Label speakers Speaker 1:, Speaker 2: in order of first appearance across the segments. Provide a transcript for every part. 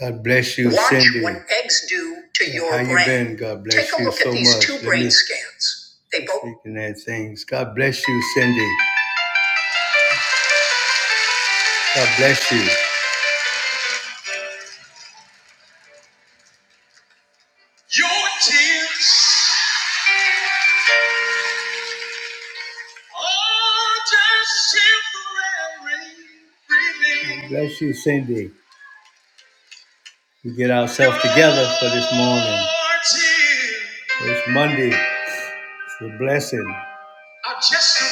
Speaker 1: God bless you, Watch Cindy. what eggs do to Yeah, your how you brain. been? God bless Take a you look so at so these much. two Let brain scans. They both. Speaking at things. God bless you, Cindy. God bless you. Your tears are just temporary. God bless you, Cindy. We get ourselves together for this morning. It's Monday. It's a blessing. are just a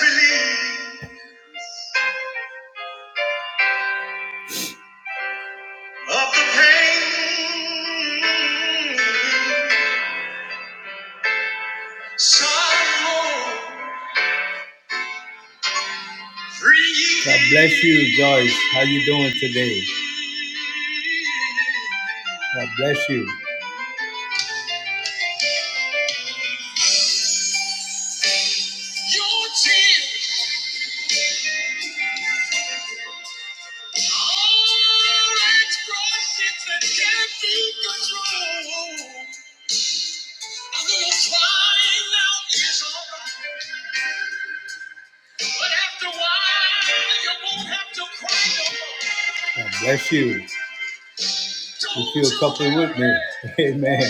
Speaker 1: of the pain, sorrow, free. God bless you, Joyce. How you doing today? God bless you. Your tears are expressions that can't be controlled. A little crying out is alright, but after a while you won't have to cry no more. God bless you. You feel comfortable with me. Amen.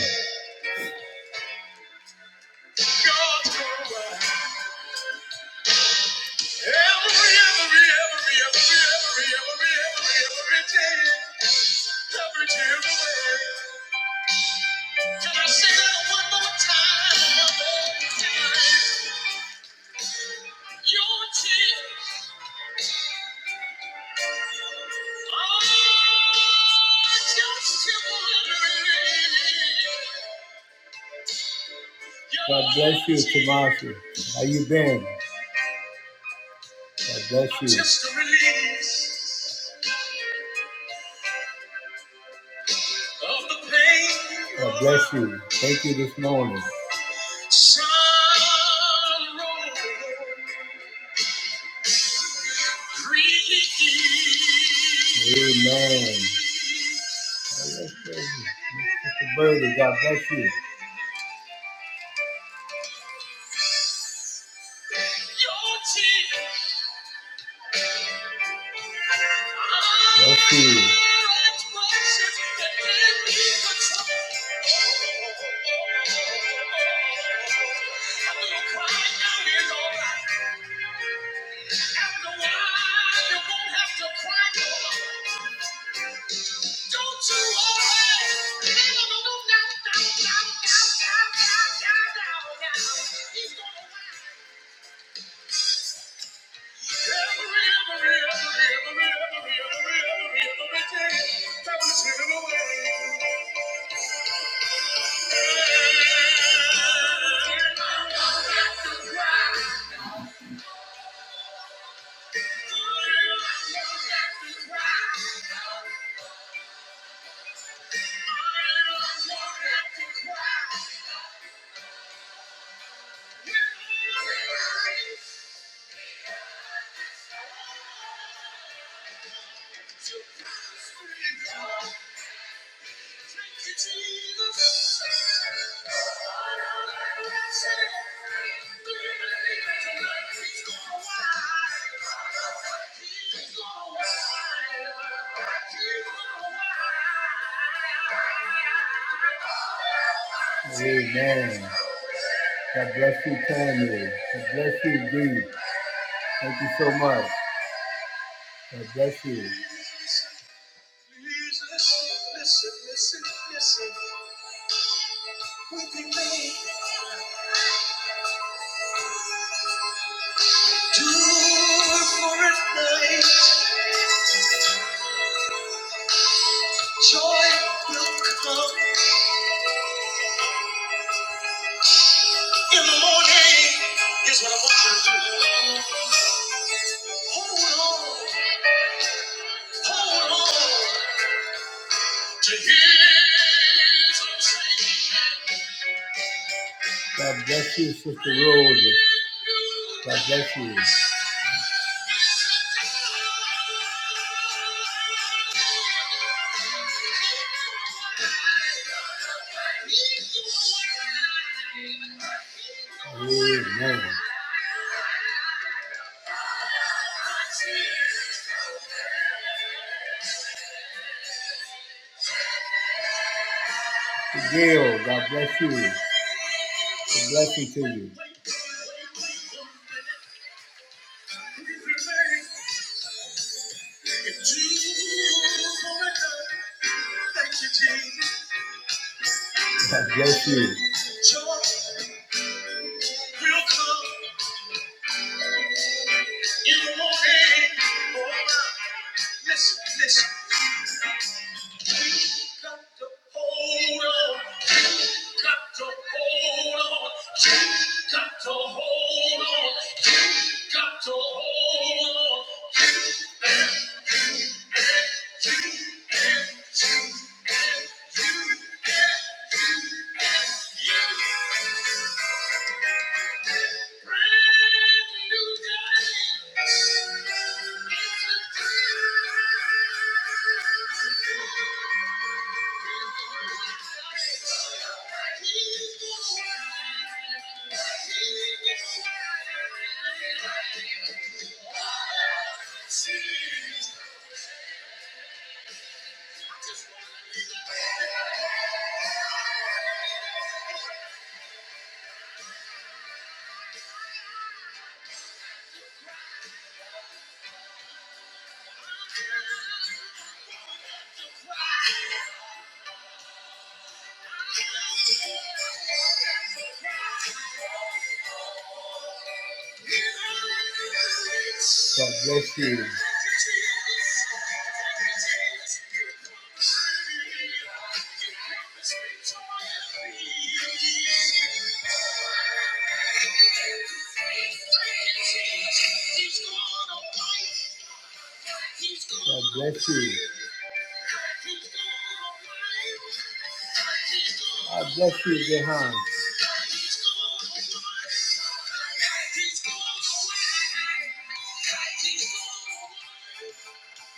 Speaker 1: God bless you, Tomasi. How you been? God bless you. God bless you. Thank you this morning. Amen. That's crazy. Sister Birdie, God bless you. Bless you. Don't you worry. No, no, no, no, no, no, no, no, no, no, no. He's gonna Thank you. Amen. God bless you, family. God bless you, dude. Thank you so much. God bless you. Listen, listen, listen, listen. Do for a night. Joy will come in the morning. Here's what I want you to do. Hold on, hold on to his God bless you, Sister Rose. God bless you. Amen. Gail, God bless you. God bless you to you. God bless you. You won't hang around. Listen, listen. Got to hold on. Got to hold on. Got to hold on. Got to hold on. Jesus. God bless you. God bless you. God bless you, Jehan.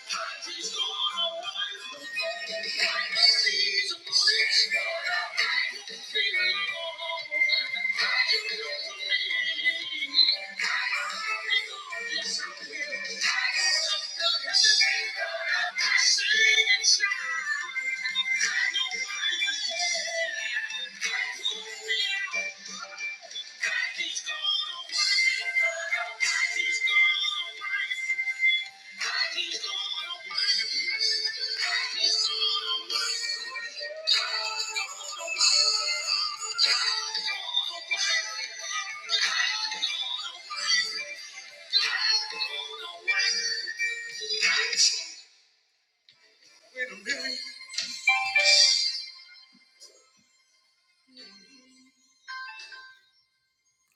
Speaker 1: Thank you.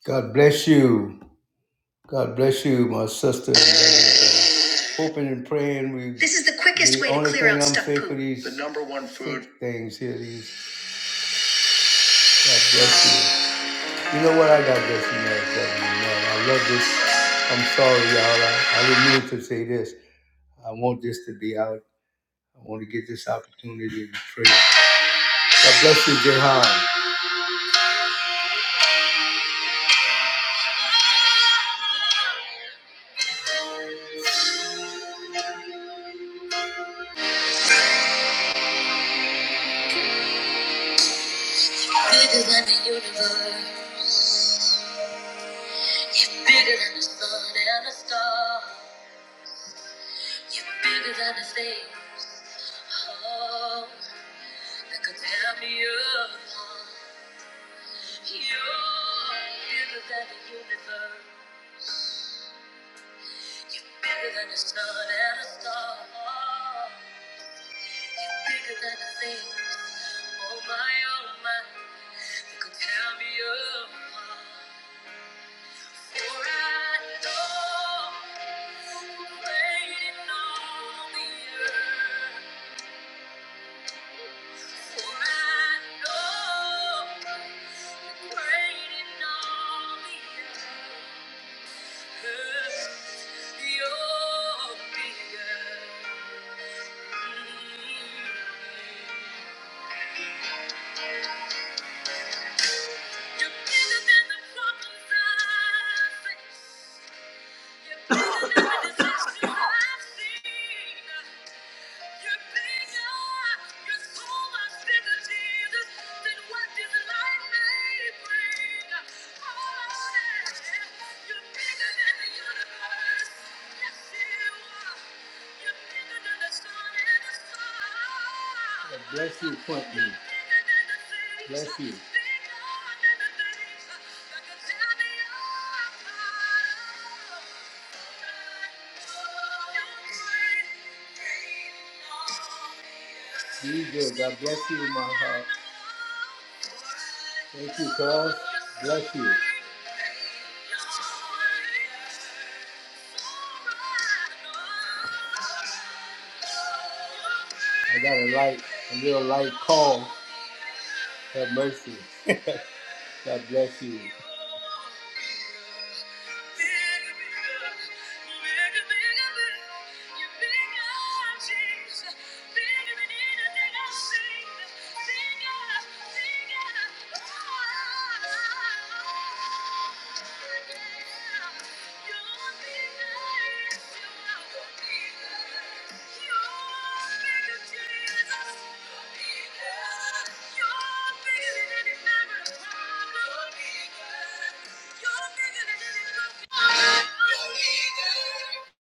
Speaker 1: God bless you. God bless you, my sister. hoping and praying we. This is the quickest the way to clear thing out i the number one food things here. These God bless you. You know what? I got this in there, I love this. I'm sorry, y'all. I, I didn't mean to say this. I want this to be out. I want to get this opportunity to pray. God bless you, Jehan. Bigger than the universe. You're bigger than the sun and the stars. You're bigger than the thing. Oh. that could tear me apart. You're bigger than the universe. You're bigger than the sun and the stars. You're bigger than the things. Oh my, oh my, that could tear me apart. For I know you're waiting on the earth. For I know you're waiting on the earth. You're bigger than the problems I face. You're bigger than the decisions I've seen. God Bless you, Quentin. Bless you. Be good. God bless you, my heart. Thank you, God. Bless you. I got a light, a real light call. Have mercy. God bless you.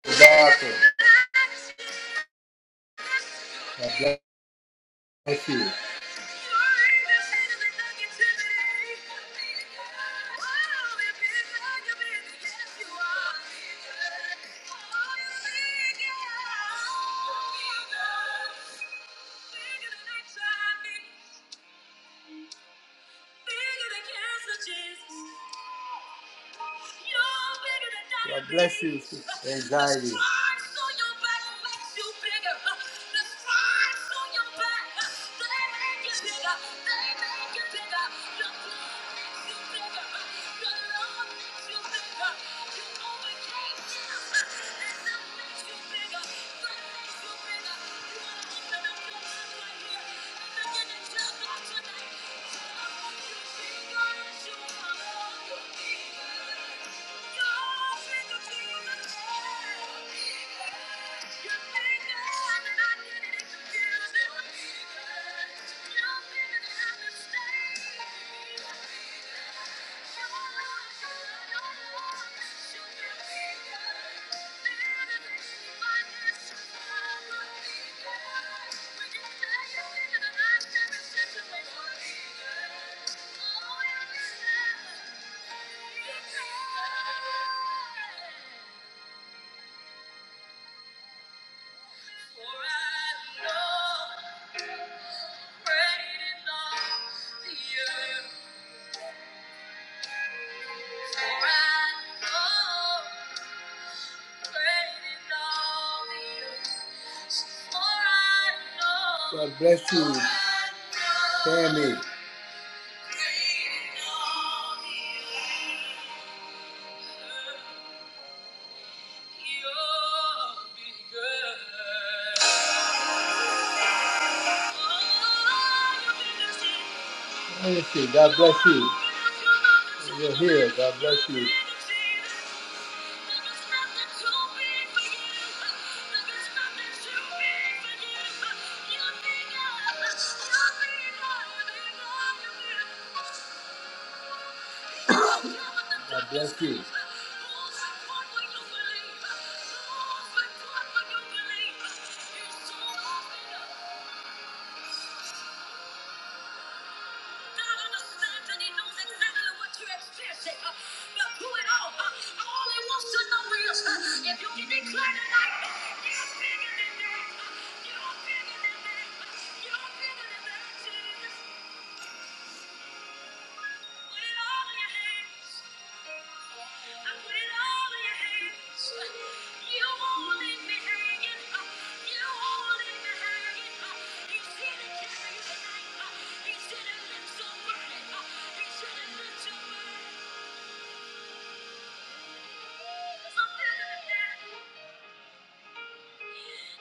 Speaker 1: Exato. God bless you. Thank you. God bless you, anxiety. Thank you. For I know Great in all the earth, for I know. God bless you, family. Thank you. God bless you. You're here. God bless you. God bless you. God understands and He knows exactly what you're experiencing. uh, But through it all, uh, all He wants to know is uh, if you can declare tonight, uh, you're bigger than that. uh, You're bigger than that. uh, You're bigger than that.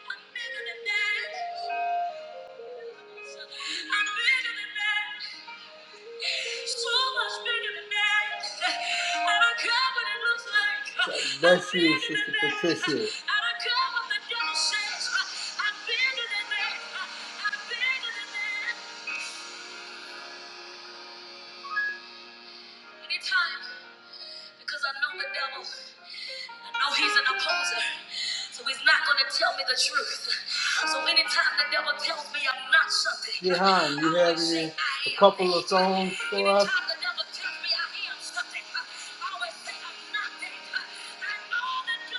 Speaker 1: I'm bigger than that. So much bigger than that. I don't care what it looks like. God bless you, Sister Patricia. I don't care what the devil says. I'm bigger than that. I'm bigger than that. Anytime, because I know the devil. No, he's an opposer. So he's not going to tell me the truth. So anytime the devil tells me I'm not something, Jehan, you I have always say any, I a am. couple of songs for us? Anytime the devil tells me I am something, I always say I'm nothing. I know that God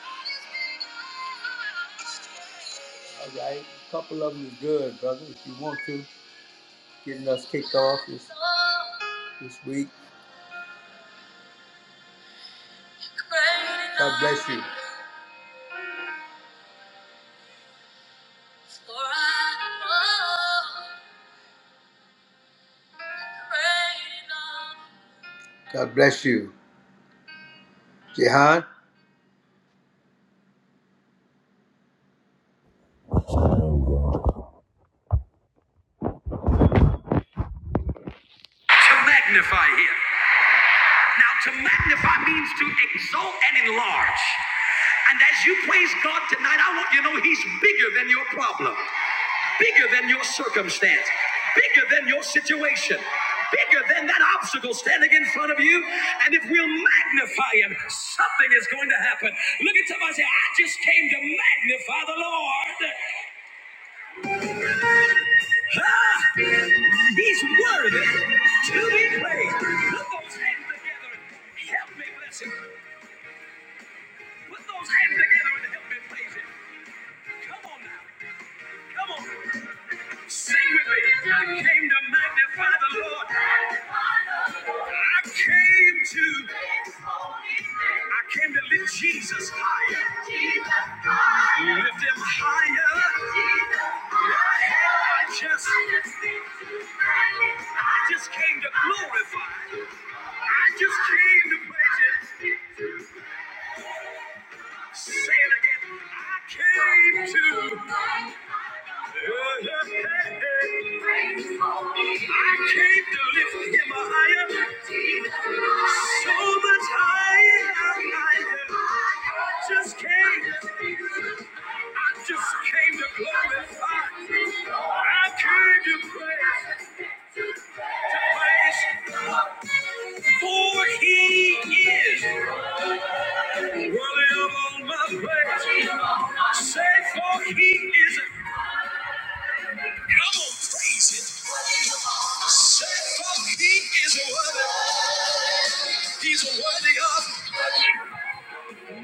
Speaker 1: is bigger. All right, a couple of them is good, brother. If you want to, getting us kicked off this, this week. God bless you. For I know. God bless you. Jehan,
Speaker 2: to magnify him. Now, to magnify means to exalt and enlarge. And as you praise God tonight, I want you to know he's bigger than your problem, bigger than your circumstance, bigger than your situation, bigger than that obstacle standing in front of you. And if we'll magnify him, something is going to happen. Look at somebody and say, I just came to magnify the Lord. Ah, He's worthy to be praised. Put those hands together and help me bless him. Put those hands together and help me praise him. Come on now. Come on. Sing with me. I came to magnify the Lord. I came to, I came to lift Jesus higher. Lift him higher. I just, I just came to glorify. I just came to praise him. Say it again. I came to. Yeah, yeah, hey, hey. I came to lift him higher. So much higher. I just came. I just came to glorify. I came to praise. To praise. For he is. Worthy of all my praise. Say for he is. and I'm gonna praise him. Say for he is worthy. He's worthy of.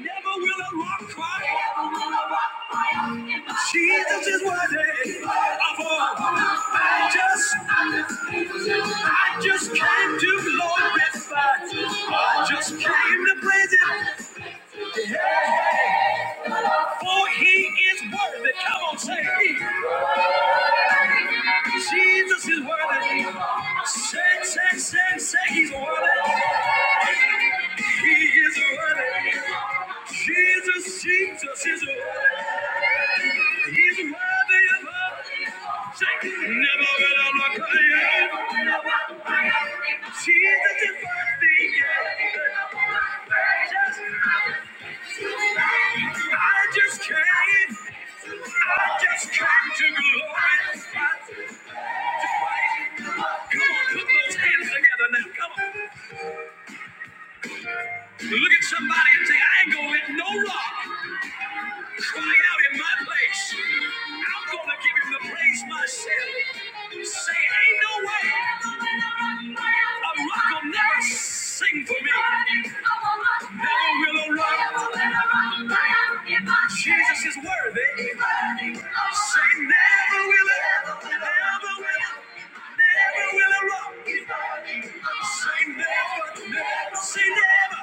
Speaker 2: Never will a rock cry. Never will a rock cry. Jesus is worthy of all. I just, I just came to glorify. I just came to praise him. Hey, hey. For he is worthy. Come on, say he. Jesus is worthy. Say, say, say, say he's worthy. He is worthy. Jesus, Jesus is worthy. He's worthy of all. Say, never will I look again. Jesus is worthy. I just came. I just came to glory. Come on, put those hands together now. Come on. Look at somebody and say, I ain't gonna let no rock cry out in my place. I'm gonna give him the praise myself. Say, ain't no way. A rock will never sing for me. Never will a rock. Jesus is worthy. Say, never will it. Never will it. Never will a rock. Say never, never, say never,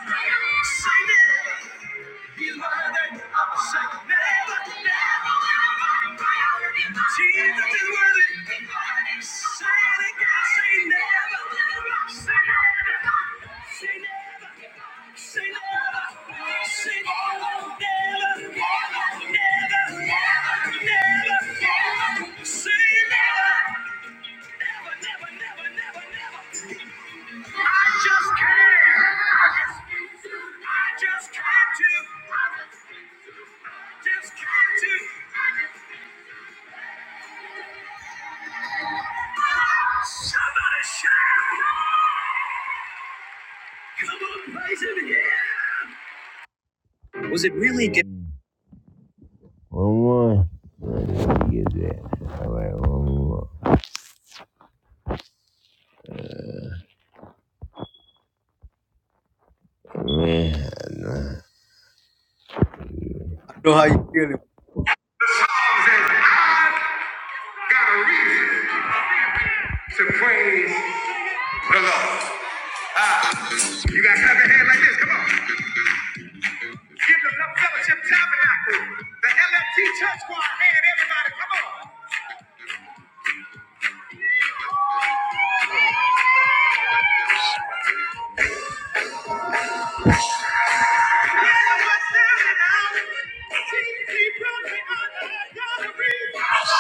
Speaker 2: say never. Never, never, never, never, never. Was it really good? One more. You get that. All right, one more. Man.
Speaker 1: I know how you feeling.
Speaker 2: I've got a reason to praise the Lord. Ah, you got to clap your hand like this. Come on. Give the Love Fellowship Tabernacle, the LFT Church Choir, man,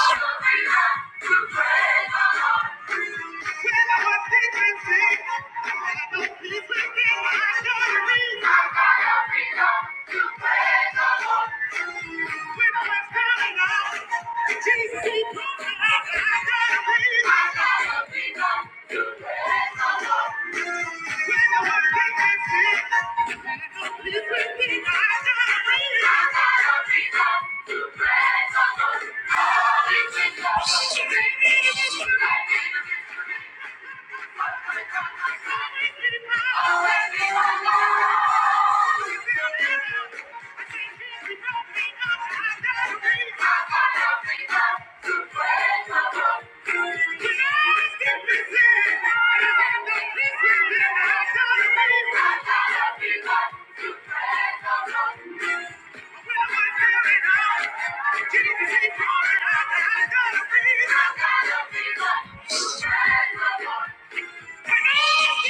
Speaker 2: everybody, come on. Thank you.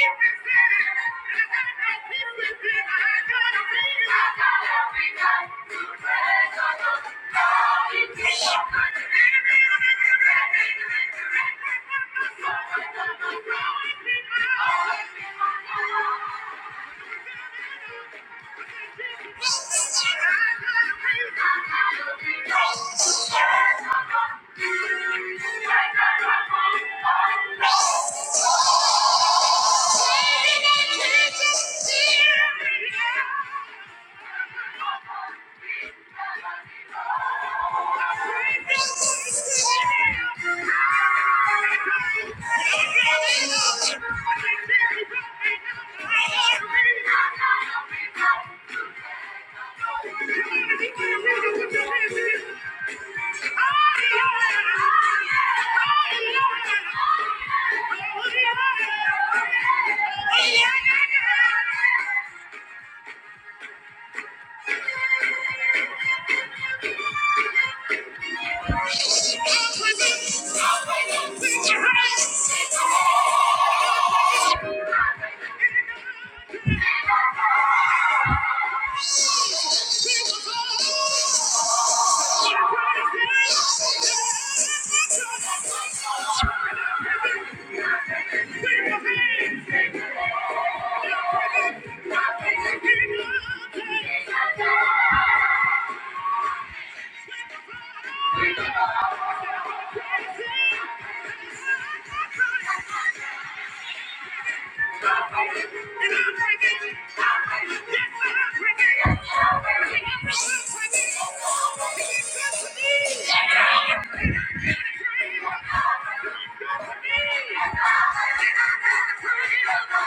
Speaker 2: Thank you. Thank you. Yeah. Thank you. Thank you.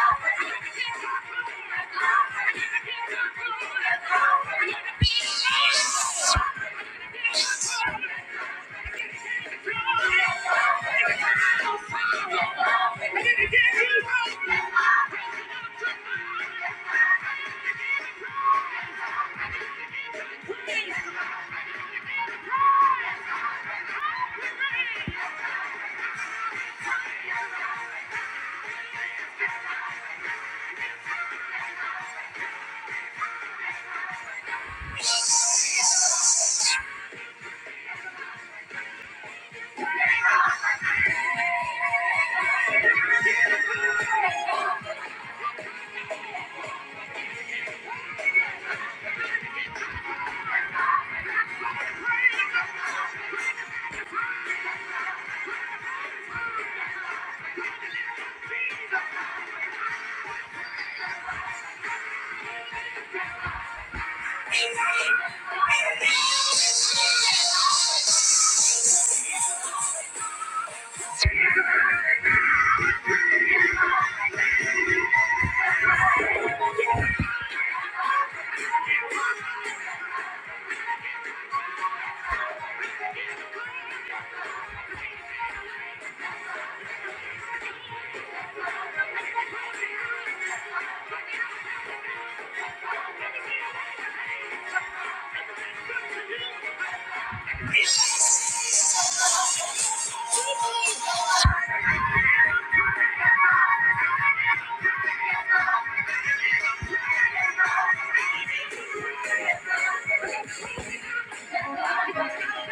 Speaker 2: Thank you.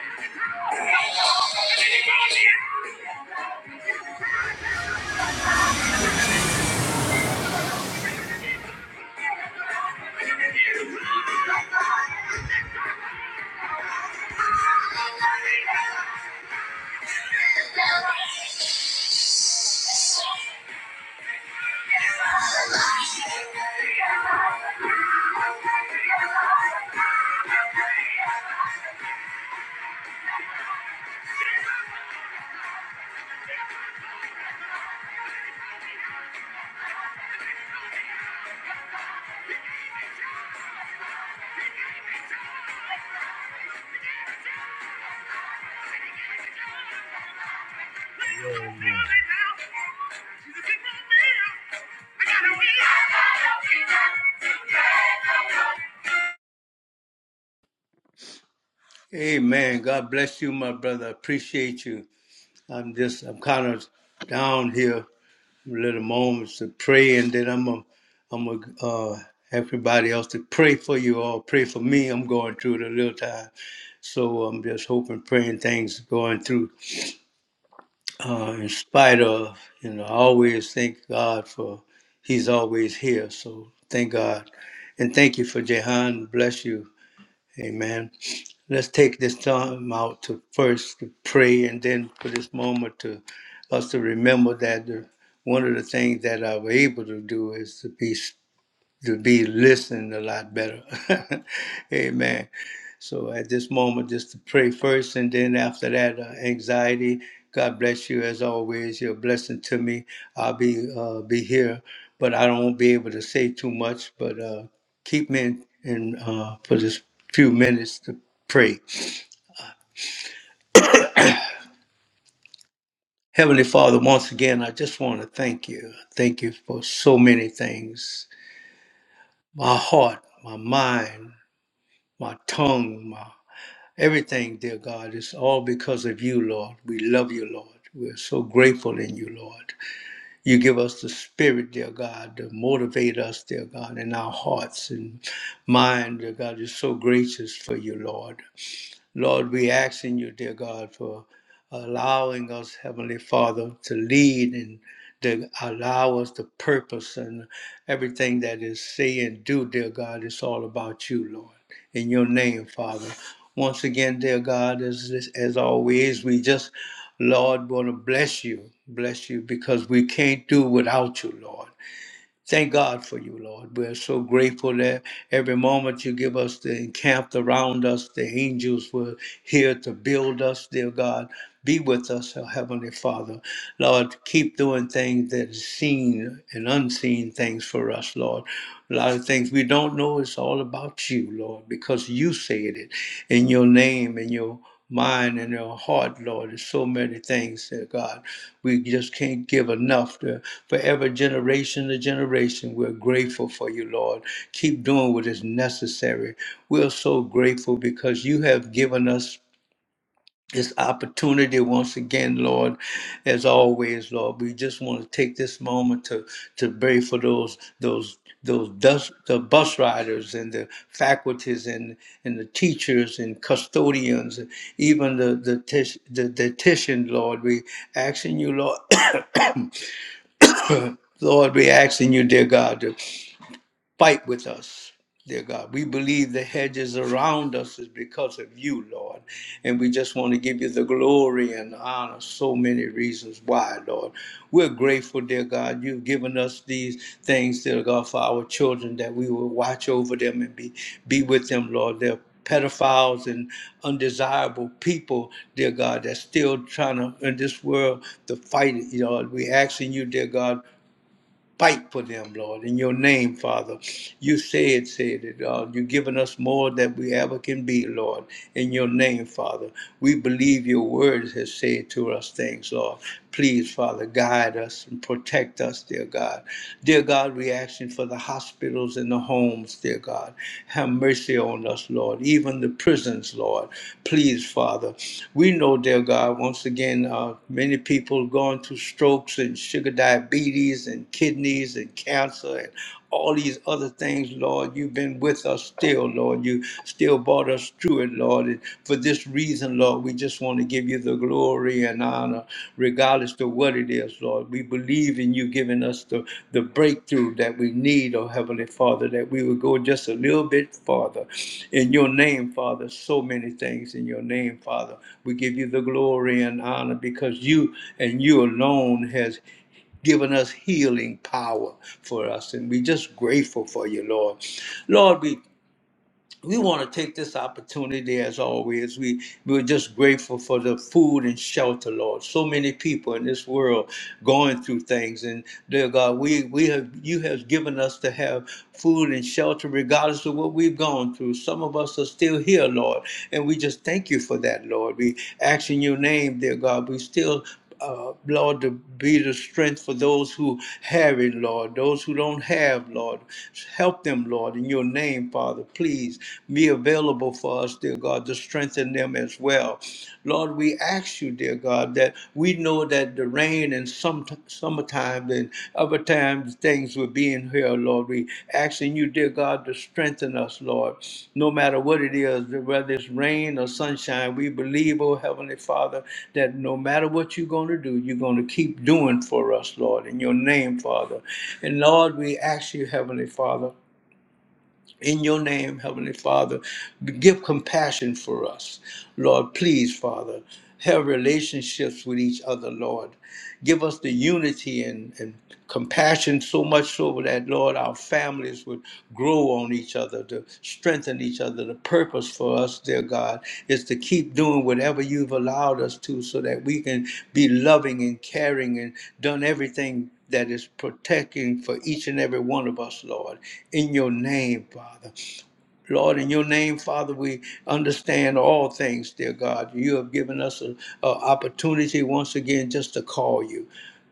Speaker 1: Amen. God bless you, my brother. I appreciate you. I'm just, I'm kind of down here. a Little moments to pray, and then I'm gonna, i I'm going uh, everybody else to pray for you all. Pray for me. I'm going through it a little time, so I'm just hoping, praying things going through. uh, in spite of, you know, I always thank God for He's always here. So thank God. And thank you for Jehan. Bless you. Amen. Let's take this time out to first to pray and then for this moment to us to remember that the, one of the things that I was able to do is to be to be listening a lot better. Amen. So at this moment, just to pray first, and then after that, uh, anxiety. God bless you as always. You're a blessing to me. I'll be uh, be here, but I don't be able to say too much. But uh, keep me in, in uh, for this few minutes to pray. Heavenly Father, once again, I just want to thank you. Thank you for so many things. My heart, my mind, my tongue, Everything, dear God, is all because of you, Lord. We love you, Lord. We're so grateful in you, Lord. You give us the spirit, dear God, to motivate us, dear God, in our hearts and mind, dear God. You're so gracious for you, Lord. Lord, we asking you, dear God, for allowing us, Heavenly Father, to lead and to allow us the purpose and everything that is say and do, dear God. It's all about you, Lord. In your name, Father. Once again, dear God, as as always, we just, Lord, want to bless you, bless you, because we can't do without you, Lord. Thank God for you, Lord. We're so grateful that every moment you give us the encamped around us, the angels were here to build us, dear God. Be with us, oh Heavenly Father. Lord, keep doing things that is seen and unseen things for us, Lord. A lot of things we don't know, it's all about you, Lord, because you said it in your name and your mind and our heart, Lord. There's so many things, dear God. We just can't give enough to for every generation to generation. We're grateful for you, Lord. Keep doing what is necessary. We're so grateful because you have given us this opportunity once again, Lord. As always, Lord, we just want to take this moment to to pray for those those those bus, the bus riders and the faculties and and the teachers and custodians, even the the tis- the dietitian, Lord. We asking you, Lord. Lord, we asking you, dear God, to. Fight with us, dear God. We believe the hedges around us is because of you, Lord. And we just want to give you the glory and honor, so many reasons why, Lord. We're grateful, dear God. You've given us these things, dear God, for our children that we will watch over them and be, be with them, Lord. They're pedophiles and undesirable people, dear God, that's still trying to in this world to fight it, Lord. We asking you, dear God, fight for them, Lord, in your name, Father. You said, said it, uh, you've given us more than we ever can be, Lord, in your name, Father. We believe your words has said to us things, Lord. Please, Father, guide us and protect us, dear God. Dear God, we asking for the hospitals and the homes, dear God. Have mercy on us, Lord, even the prisons, Lord. Please, Father. We know, dear God, once again, uh, many people going through strokes and sugar diabetes diabetes and kidneys and cancer and all these other things, Lord. You've been with us still, Lord. You still brought us through it, Lord. And for this reason, Lord, we just want to give you the glory and honor, regardless to what it is, Lord. We believe in you giving us the, the breakthrough that we need, oh Heavenly Father, that we would go just a little bit farther. In your name, Father, so many things in your name, Father. We give you the glory and honor because you and you alone has given us healing power for us. And we're just grateful for you, Lord. Lord, we we want to take this opportunity as always. We we're just grateful for the food and shelter, Lord. So many people in this world going through things. And dear God, we we have you have given us to have food and shelter regardless of what we've gone through. Some of us are still here, Lord. And we just thank you for that, Lord. We ask in your name, dear God. We still uh, Lord, to be the strength for those who have it, Lord, those who don't have, Lord. Help them, Lord, in your name, Father. Please be available for us, dear God, to strengthen them as well. Lord, we ask you, dear God, that we know that the rain and some summertime and other times things were being in Lord. We asking you, dear God, to strengthen us, Lord. No matter what it is, whether it's rain or sunshine, we believe, oh Heavenly Father, that no matter what you're going to do, you're going to keep doing for us, Lord, in your name, Father. And Lord, we ask you, Heavenly Father in your name, Heavenly Father. Give compassion for us, Lord. Please, Father, have relationships with each other, Lord. Give us the unity and, and compassion so much so that, Lord, our families would grow on each other other, to strengthen each other. The purpose for us, dear God, is to keep doing whatever you've allowed us to so that we can be loving and caring and done everything that is protecting for each and every one of us, Lord. In your name, Father. Lord, in your name, Father, we understand all things, dear God. You have given us an opportunity once again just to call you,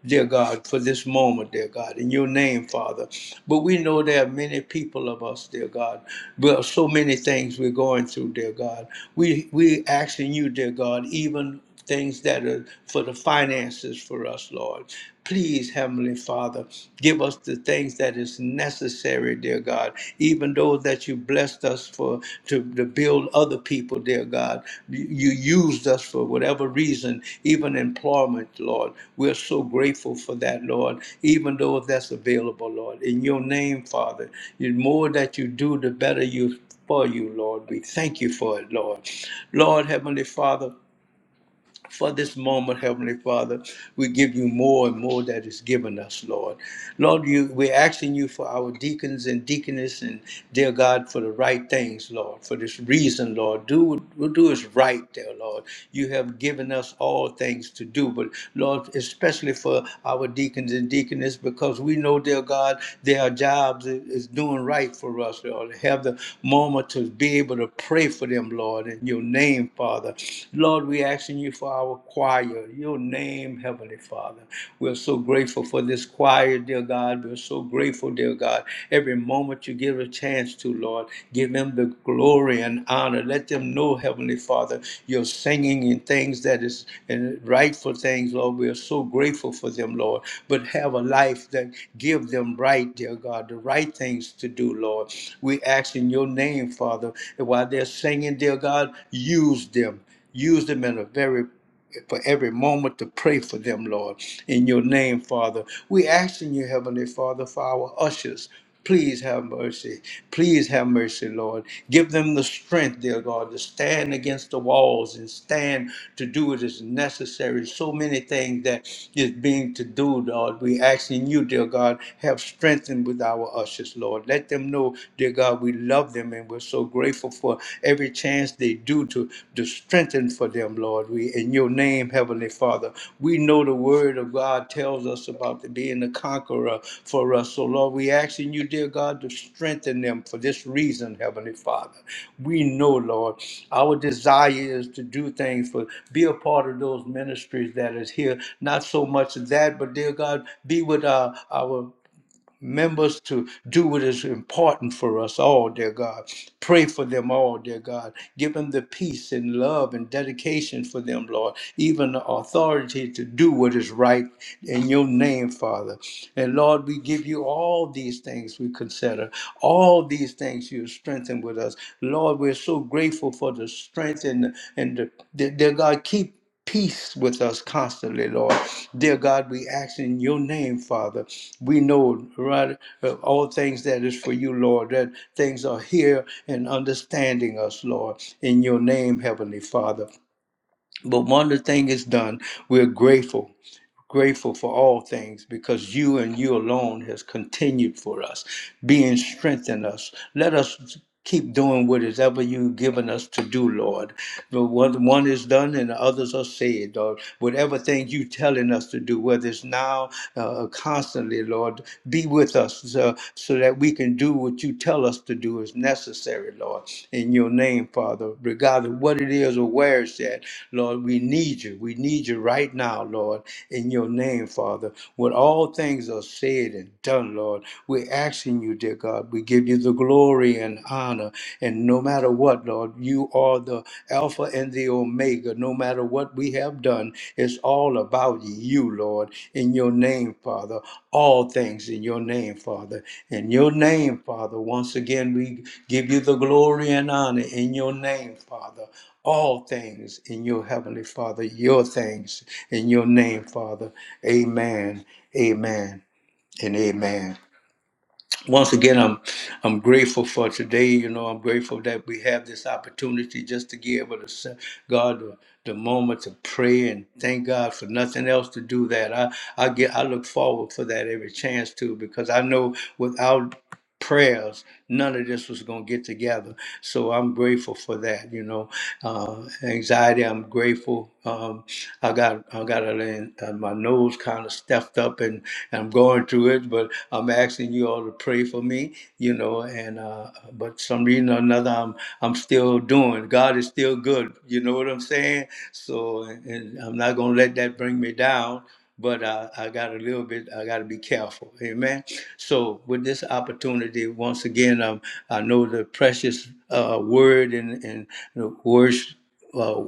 Speaker 1: dear God, for this moment, dear God, in your name, Father. But we know there are many people of us, dear God. Well, so many things we're going through, dear God. We we asking you, dear God, even things that are for the finances for us, Lord. Please, Heavenly Father, give us the things that is necessary, dear God. Even those that you blessed us for to, to build other people, dear God. You you used us for whatever reason, even employment, Lord. We're so grateful for that, Lord. Even though that's available, Lord. In your name, Father, the more that you do, the better you for you, Lord. We thank you for it, Lord. Lord, Heavenly Father, for this moment, Heavenly Father. We give you more and more that is given us, Lord. Lord, you, we're asking you for our deacons and deaconess and dear God for the right things, Lord, for this reason, Lord. Do what do is right there, Lord. You have given us all things to do, but Lord, especially for our deacons and deaconess, because we know, dear God, their jobs is is doing right for us, Lord. Have the moment to be able to pray for them, Lord, in your name, Father. Lord, we're asking you for for our choir, your name, Heavenly Father. We're so grateful for this choir, dear God. We're so grateful, dear God. Every moment you give a chance to, Lord, give them the glory and honor. Let them know, Heavenly Father, you're singing in things that is and rightful things, Lord. We're so grateful for them, Lord. But have a life that give them right, dear God, the right things to do, Lord. We ask in your name, Father, and while they're singing, dear God, use them use them in a very for every moment to pray for them, Lord. In your name, Father, we asking you, Heavenly Father, for our ushers. Please have mercy. Please have mercy, Lord. Give them the strength, dear God, to stand against the walls and stand to do what is necessary. So many things that is being to do, Lord. We asking you, dear God, have strengthened with our ushers, Lord. Let them know, dear God, we love them and we're so grateful grateful for every chance they do to, to strengthen for them, Lord. We in your name, Heavenly Father. We know the word of God tells us about the- being the conqueror for us. So Lord, we asking you, dear God, to strengthen them for this reason, Heavenly Father. We know, Lord, our desire is to do things for be a part of those ministries that is here. Not so much of that, but dear God, be with our our members to do what is important for us all, dear God. Pray for them all, dear God. Give them the peace and love and dedication for them, Lord. Even the authority to do what is right in your name, Father. And Lord, we give you all these things we consider, all these things you strengthen with us. Lord, we're so grateful for the strength and, and the, dear God, keep peace with us constantly, Lord. Dear God, we ask in your name, Father. We know, right, uh, all things that is for you, Lord, that things are here and understanding us, Lord, in your name, Heavenly Father. But one of the thing is done, we're grateful grateful for all things because you and you alone has continued for us, being strengthened us. Let us keep doing what is ever you've given us to do, Lord. The one, one is done and the others are saved, or whatever thing you telling us to do, whether it's now uh, constantly, Lord, be with us uh, so that we can do what you you tell us to do is necessary, Lord. In your name, Father, regardless of what it is or where it's at, Lord, we need you. We need you right now, Lord. In your name, Father, when all things are said and done, Lord, we're asking you, dear God, we give you the glory and honor. And no matter what, Lord, you are the Alpha and the Omega no matter what we have done, it's all about you, Lord, in your name, Father. All things in your name, Father. In your name, Father. Once again, we give you the glory and honor in your name, Father. All things in your heavenly Father, your things in your name, Father. Amen, amen, and amen once again i'm i'm grateful for today you know i'm grateful that we have this opportunity just to give able to se- god the, the moment to pray and thank god for nothing else to do that i i get i look forward for that every chance to because i know without prayers, none of this was going to get together. So I'm grateful for that. You know, uh, anxiety. I'm grateful. Um, I got I got a, uh, my nose kind of stuffed up, and, and I'm going through it. But I'm asking you all to pray for me. You know, and uh, but some reason or another, I'm I'm still doing. God is still good. You know what I'm saying? So, and I'm not going to let that bring me down but I, I got a little bit, I got to be careful. Amen. So, with this opportunity, once again, um, I know the precious uh, word and, and the words, uh,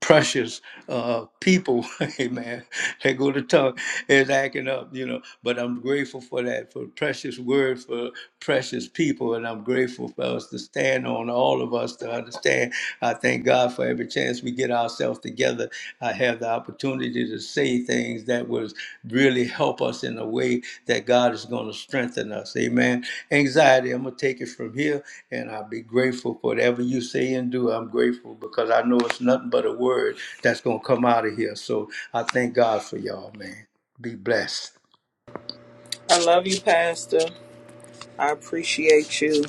Speaker 1: precious uh, people, amen, they go to talk is acting up, you know. But I'm grateful for that, for precious word, for precious people, and I'm grateful for us to stand on, all of us to understand. I thank God for every chance we get ourselves together. I have the opportunity opportunity to say things that was really help us in a way that God is going to strengthen us. Amen. Anxiety, I'm going to take it from here and I'll be grateful for whatever you say and do. I'm grateful because I know it's nothing but a word that's going to come out of here. So I thank God for y'all, man. Be blessed.
Speaker 3: I love you, Pastor. I appreciate you.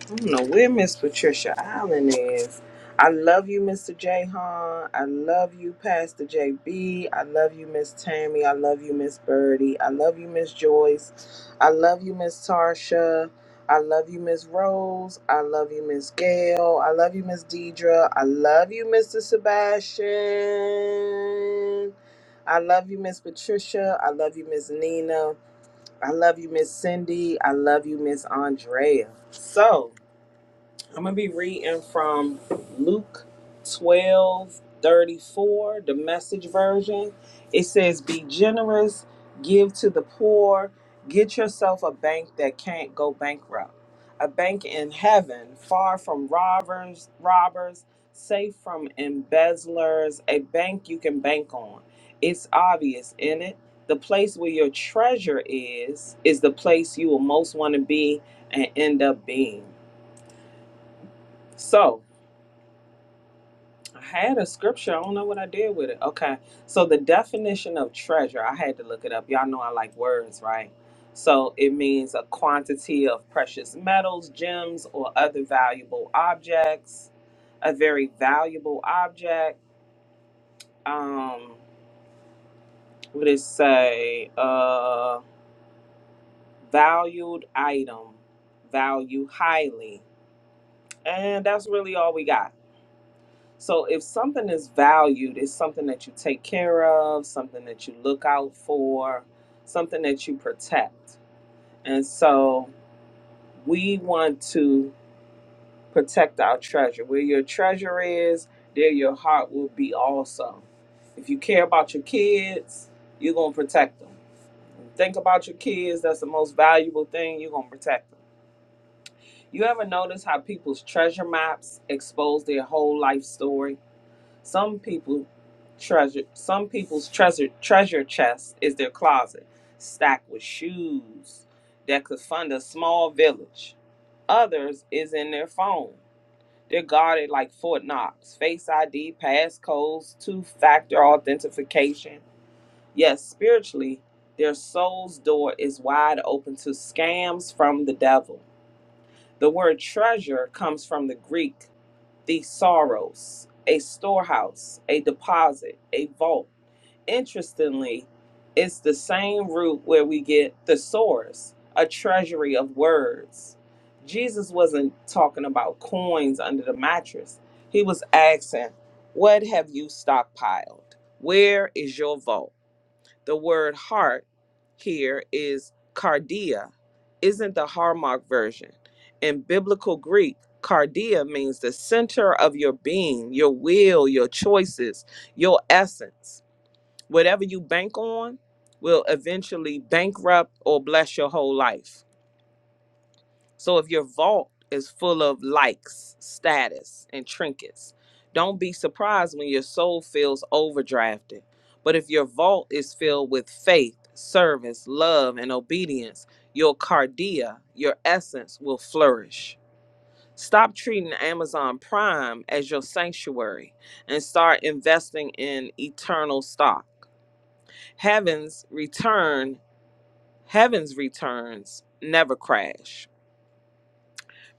Speaker 3: I don't know where Miss Patricia Allen is. I love you, Mr. Jahan. I love you, Pastor JB. I love you, Miss Tammy. I love you, Miss Birdie. I love you, Miss Joyce. I love you, Miss Tarsha. I love you, Miss Rose. I love you, Miss Gail. I love you, Miss Deidre. I love you, Mr. Sebastian. I love you, Miss Patricia. I love you, Miss Nina. I love you, Miss Cindy. I love you, Miss Andrea. So, I'm gonna be reading from Luke 12 34, the message version. It says, Be generous, give to the poor, get yourself a bank that can't go bankrupt. A bank in heaven, far from robbers, robbers, safe from embezzlers, a bank you can bank on. It's obvious, isn't it? The place where your treasure is, is the place you will most want to be and end up being. So I had a scripture. I don't know what I did with it. Okay. So the definition of treasure, I had to look it up. Y'all know I like words, right? So it means a quantity of precious metals, gems, or other valuable objects. A very valuable object. Um, what did it say? Uh, valued item. Value highly. And that's really all we got. So if something is valued, it's something that you take care of, something that you look out for, something that you protect. And so we want to protect our treasure. Where your treasure is, there your heart will be also. If you care about your kids, you're going to protect them. Think about your kids, that's the most valuable thing, you're going to protect them. You ever notice how people's treasure maps expose their whole life story? Some people treasure some people's treasure treasure chest is their closet, stacked with shoes that could fund a small village. Others is in their phone. They're guarded like Fort Knox, face ID, passcodes, two-factor authentication. Yes, spiritually, their soul's door is wide open to scams from the devil. The word treasure comes from the Greek the sorrows, a storehouse, a deposit, a vault. Interestingly, it's the same root where we get the source, a treasury of words. Jesus wasn't talking about coins under the mattress. He was asking, What have you stockpiled? Where is your vault? the word heart here is cardia, isn't the Harmach version. In biblical Greek, cardia means the center of your being, your will, your choices, your essence. Whatever you bank on will eventually bankrupt or bless your whole life. So if your vault is full of likes, status, and trinkets, don't be surprised when your soul feels overdrafted. But if your vault is filled with faith, service, love, and obedience, your cardia, your essence, will flourish. Stop treating Amazon Prime as your sanctuary and start investing in eternal stock. Heaven's return, heaven's returns never crash.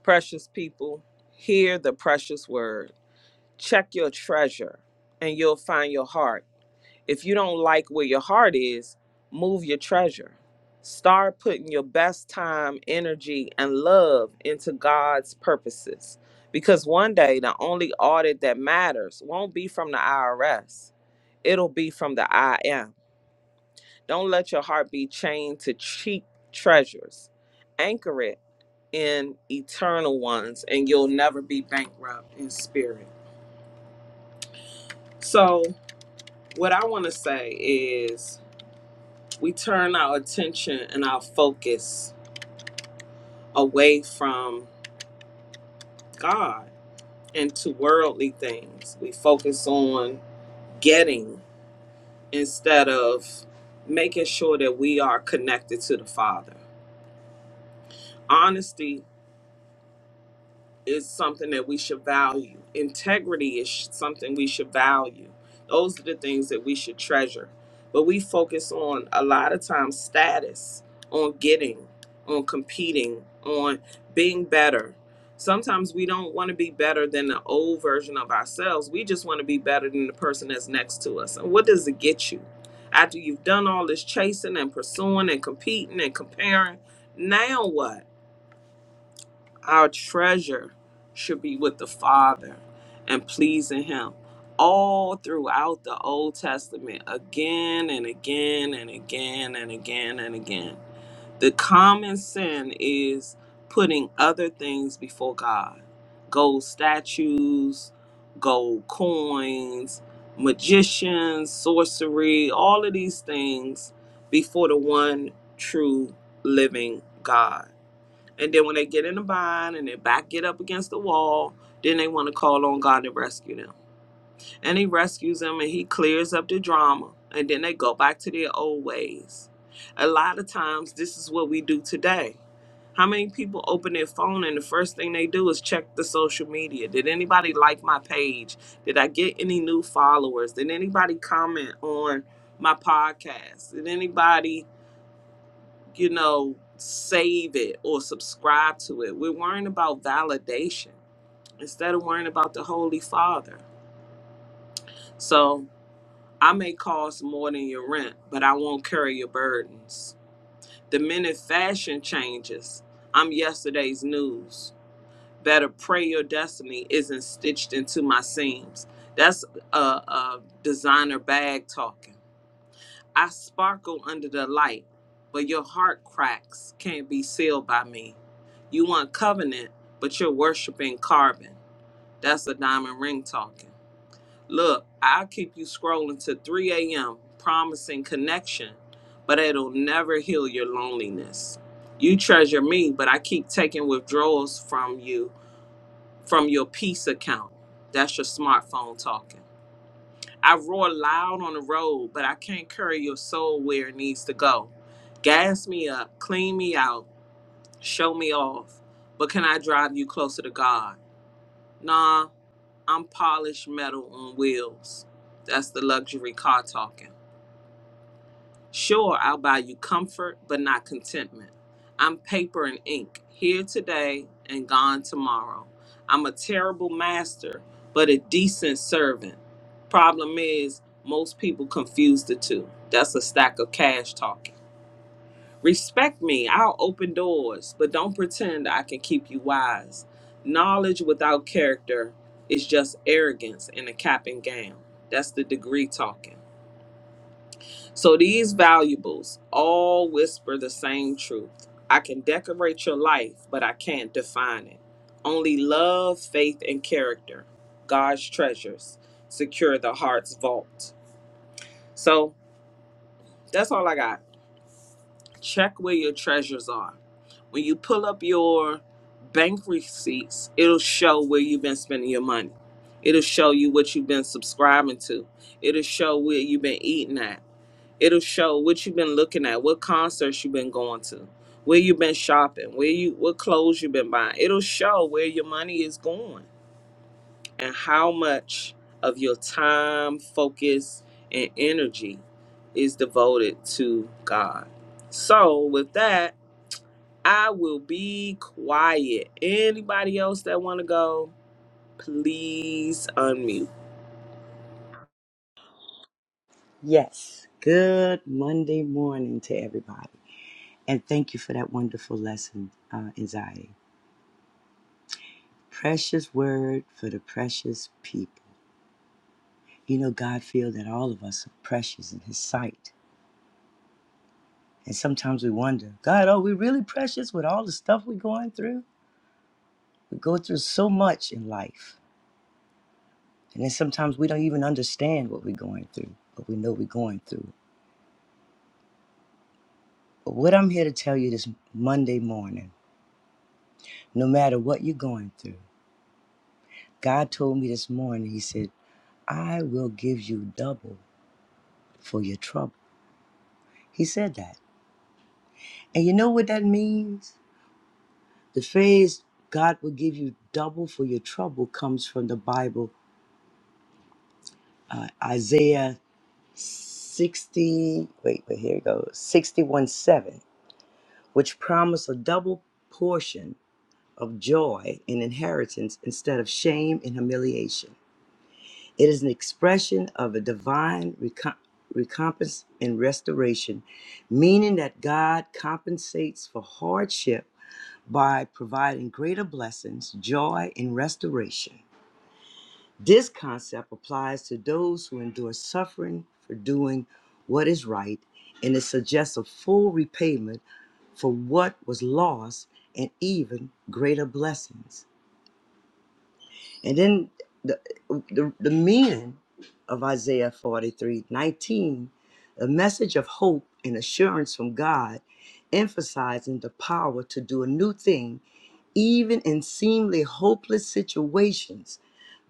Speaker 3: Precious people, hear the precious word. Check your treasure and you'll find your heart. If you don't like where your heart is, move your treasure. Start putting your best time, energy, and love into God's purposes. Because one day, the only audit that matters won't be from the IRS, it'll be from the IM. Don't let your heart be chained to cheap treasures. Anchor it and eternal ones, and you'll never be bankrupt in spirit. So, what I want to say is we turn our attention and our focus away from God and to worldly things. We focus on getting instead of making sure that we are connected to the Father. Honesty is something that we should value. Integrity is sh- something we should value. Those are the things that we should treasure. But we focus on a lot of times status, on getting, on competing, on being better. Sometimes we don't want to be better than the old version of ourselves. We just want to be better than the person that's next to us. And what does it get you? After you've done all this chasing and pursuing and competing and comparing, now what? our treasure should be with the Father and pleasing Him all throughout the Old Testament, again and again and again and again and again. The common sin is putting other things before God gold statues, gold coins, magicians, sorcery, all of these things before the one true living God and then when they get in a bind and they back get up against the wall, then they want to call on God to rescue them. And he rescues them and he clears up the drama. And then they go back to their old ways. A lot of times, this is what we do today. How many people open their phone and the first thing they do is check the social media? Did anybody like my page? Did I get any new followers? Did anybody comment on my podcast? Did anybody you know, save it or subscribe to it. We're worrying about validation instead of worrying about the Holy Father. So I may cost more than your rent, but I won't carry your burdens. The minute fashion changes, I'm yesterday's news. Better pray your destiny isn't stitched into my seams. That's a, a designer bag talking. I sparkle under the light, but your heart cracks can't be sealed by me. You want covenant, but you're worshiping carbon. That's a diamond ring talking. Look, I'll keep you scrolling to 3 a.m., promising connection, but it'll never heal your loneliness. You treasure me, but I keep taking withdrawals from you from your peace account. That's your smartphone talking. I roar loud on the road, but I can't carry your soul where it needs to go. Gas me up, clean me out, show me off. But can I drive you closer to God? Nah, I'm polished metal on wheels. That's the luxury car talking. Sure, I'll buy you comfort, but not contentment. I'm paper and ink, here today and gone tomorrow. I'm a terrible master, but a decent servant. Problem is, most people confuse the two. That's a stack of cash talking. Respect me, I'll open doors, but don't pretend I can keep you wise. Knowledge without character is just arrogance in a cap and gown. That's the degree talking. So these valuables all whisper the same truth. I can decorate your life, but I can't define it. Only love, faith, and character, God's treasures, secure the heart's vault. So that's all I got. Check where your treasures are. When you pull up your bank receipts, it'll show where you've been spending your money. It'll show you what you've been subscribing to. It'll show where you've been eating at It'll show what you've been looking at, what concerts you've been going to, where you've been shopping, where you what clothes you've been buying. It'll show where your money is going and how much of your time, focus, and energy is devoted to God. So with that, I will be quiet. Anybody else that want to go, please unmute.
Speaker 4: Yes. Good Monday morning to everybody. And thank you for that wonderful lesson, uh, anxiety. Precious word for the precious people. You know, God feels that all of us are precious in His sight. And sometimes we wonder, God, are we really precious with all the stuff we're going through? We go through so much in life. And then sometimes we don't even understand what we're going through, but we know we're going through. But what I'm here to tell you this Monday morning, no matter what you're going through, God told me this morning, He said, I will give you double for your trouble. He said that. And you know what that means? The phrase, God will give you double for your trouble, comes from the Bible, uh, Isaiah 60, wait, wait, here it goes, 61 7, which promised a double portion of joy and inheritance instead of shame and humiliation. It is an expression of a divine recom- recompense and restoration, meaning that God compensates for hardship by providing greater blessings, joy, and restoration. This concept applies to those who endure suffering for doing what is right, and it suggests a full repayment for what was lost and even greater blessings. And then the, the, the meaning of Isaiah 43 19, a message of hope and assurance from God, emphasizing the power to do a new thing, even in seemingly hopeless situations,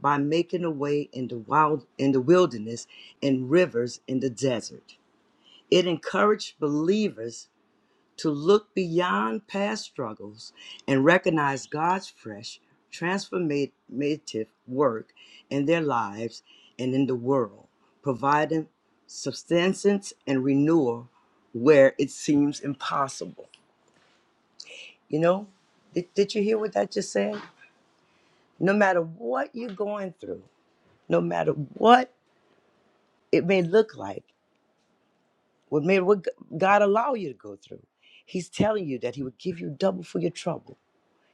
Speaker 4: by making a way in the wild in the wilderness and rivers in the desert. It encouraged believers to look beyond past struggles and recognize God's fresh, transformative work in their lives and in the world, providing substance and renewal where it seems impossible. You know, did, did you hear what that just said? No matter what you're going through, no matter what it may look like, what may what God allow you to go through, He's telling you that He would give you double for your trouble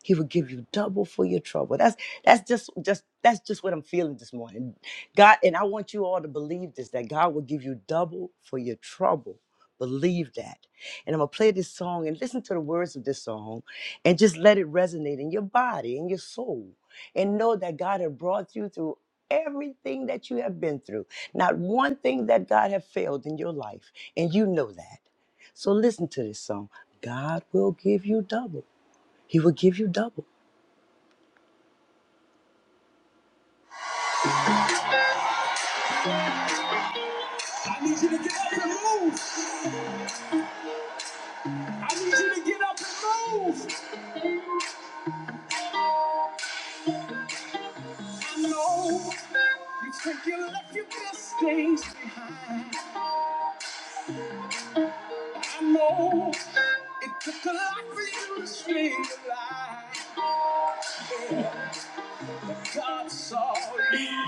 Speaker 4: He will give you double for your trouble. That's that's just just that's just what I'm feeling this morning. God, and I want you all to believe this that God will give you double for your trouble. Believe that. And I'm gonna play this song and listen to the words of this song and just let it resonate in your body and your soul. And know that God has brought you through everything that you have been through. Not one thing that God has failed in your life. And you know that. So listen to this song. God will give you double. He will give you double. I need you to get up and move. I need you to get up and move. I know you think you left your best things behind. I know it took a lot for you to stay alive. Yeah. But God saw you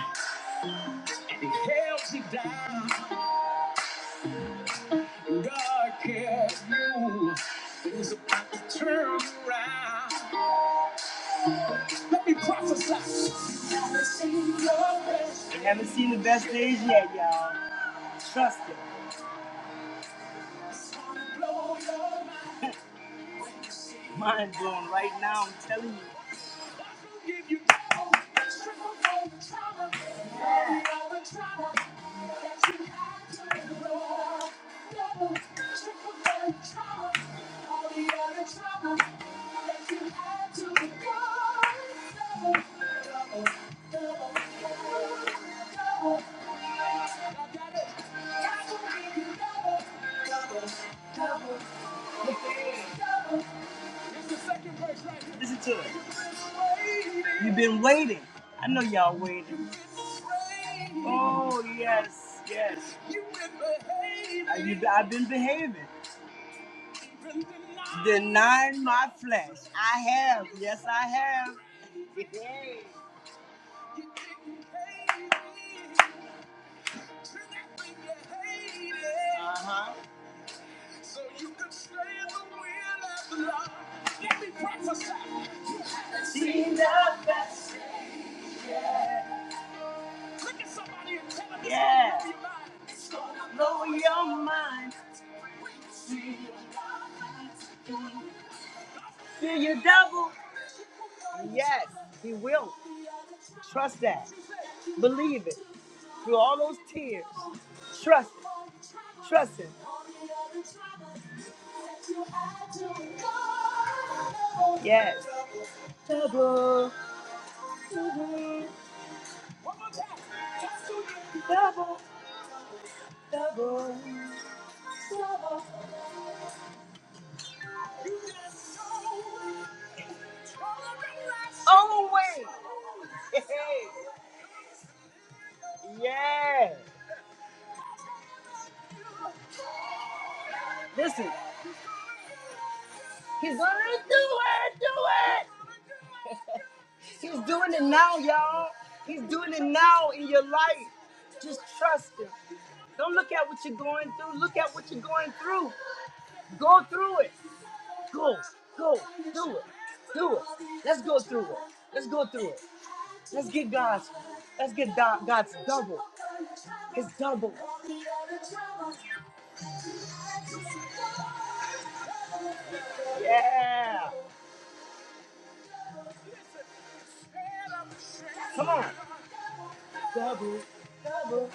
Speaker 4: and He held you down. God cared you. It was about to turn around. Let me prophesy. You haven't seen your best. You haven't seen the best days yet, y'all. Trust it. Mind blown right now, I'm telling you. Double, double, double, double. Listen to it. You've been waiting. I know y'all waiting. Oh, yes, yes. I've been I've been behaving. Denying my flesh. I have. Yes, I have. Uh-huh. So you can stay in the wheel of the Lord. Let me prophesy. You haven't seen the best yet. Look at somebody and tell them it's yeah. gonna blow your mind. It's gonna blow your mind. Feel you double? See your double. Yes, he will. Trust that. Believe it. Through all those tears. Trust it. Trust him. Yes. Double. Oh, wait. yeah. Listen, he's gonna do it, do it. He's doing it now, y'all. He's doing it now in your life. Just trust him. Don't look at what you're going through. Look at what you're going through. Do it. Go, go, do it. Do it. Let's go through it. Do it. God's double. His double. Yeah. Come on. Double, double.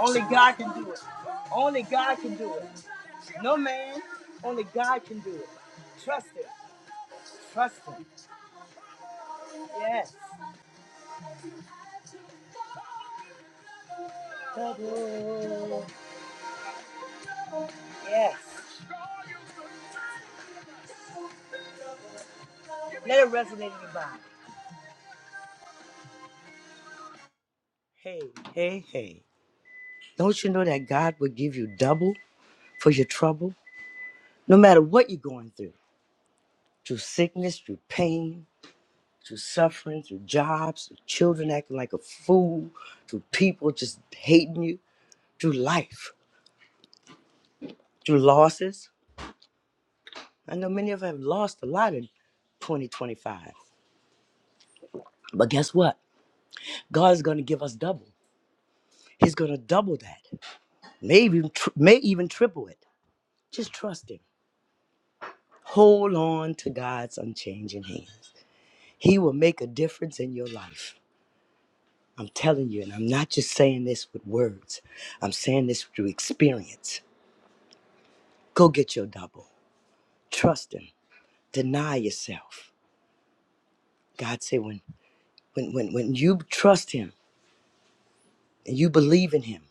Speaker 4: Only God can do it. Only God can do it. No man. Only God can do it. Trust Him. Trust Him. Yes. Double. Yes. Hey, hey, hey. Don't you know that God will give you double for your trouble? No matter what you're going through, through sickness, through pain, to suffering, to jobs, to children acting like a fool, to people just hating you, through life, through losses. I know many of us have lost a lot in 2025. But guess what? God is going to give us double. He's going to double that, maybe tr- may even triple it. Just trust Him. Hold on to God's unchanging hands. He will make a difference in your life. I'm telling you, and I'm not just saying this with words. I'm saying this through experience. Go get your double. Trust him. Deny yourself. God said when when when, when you trust him and you believe in him,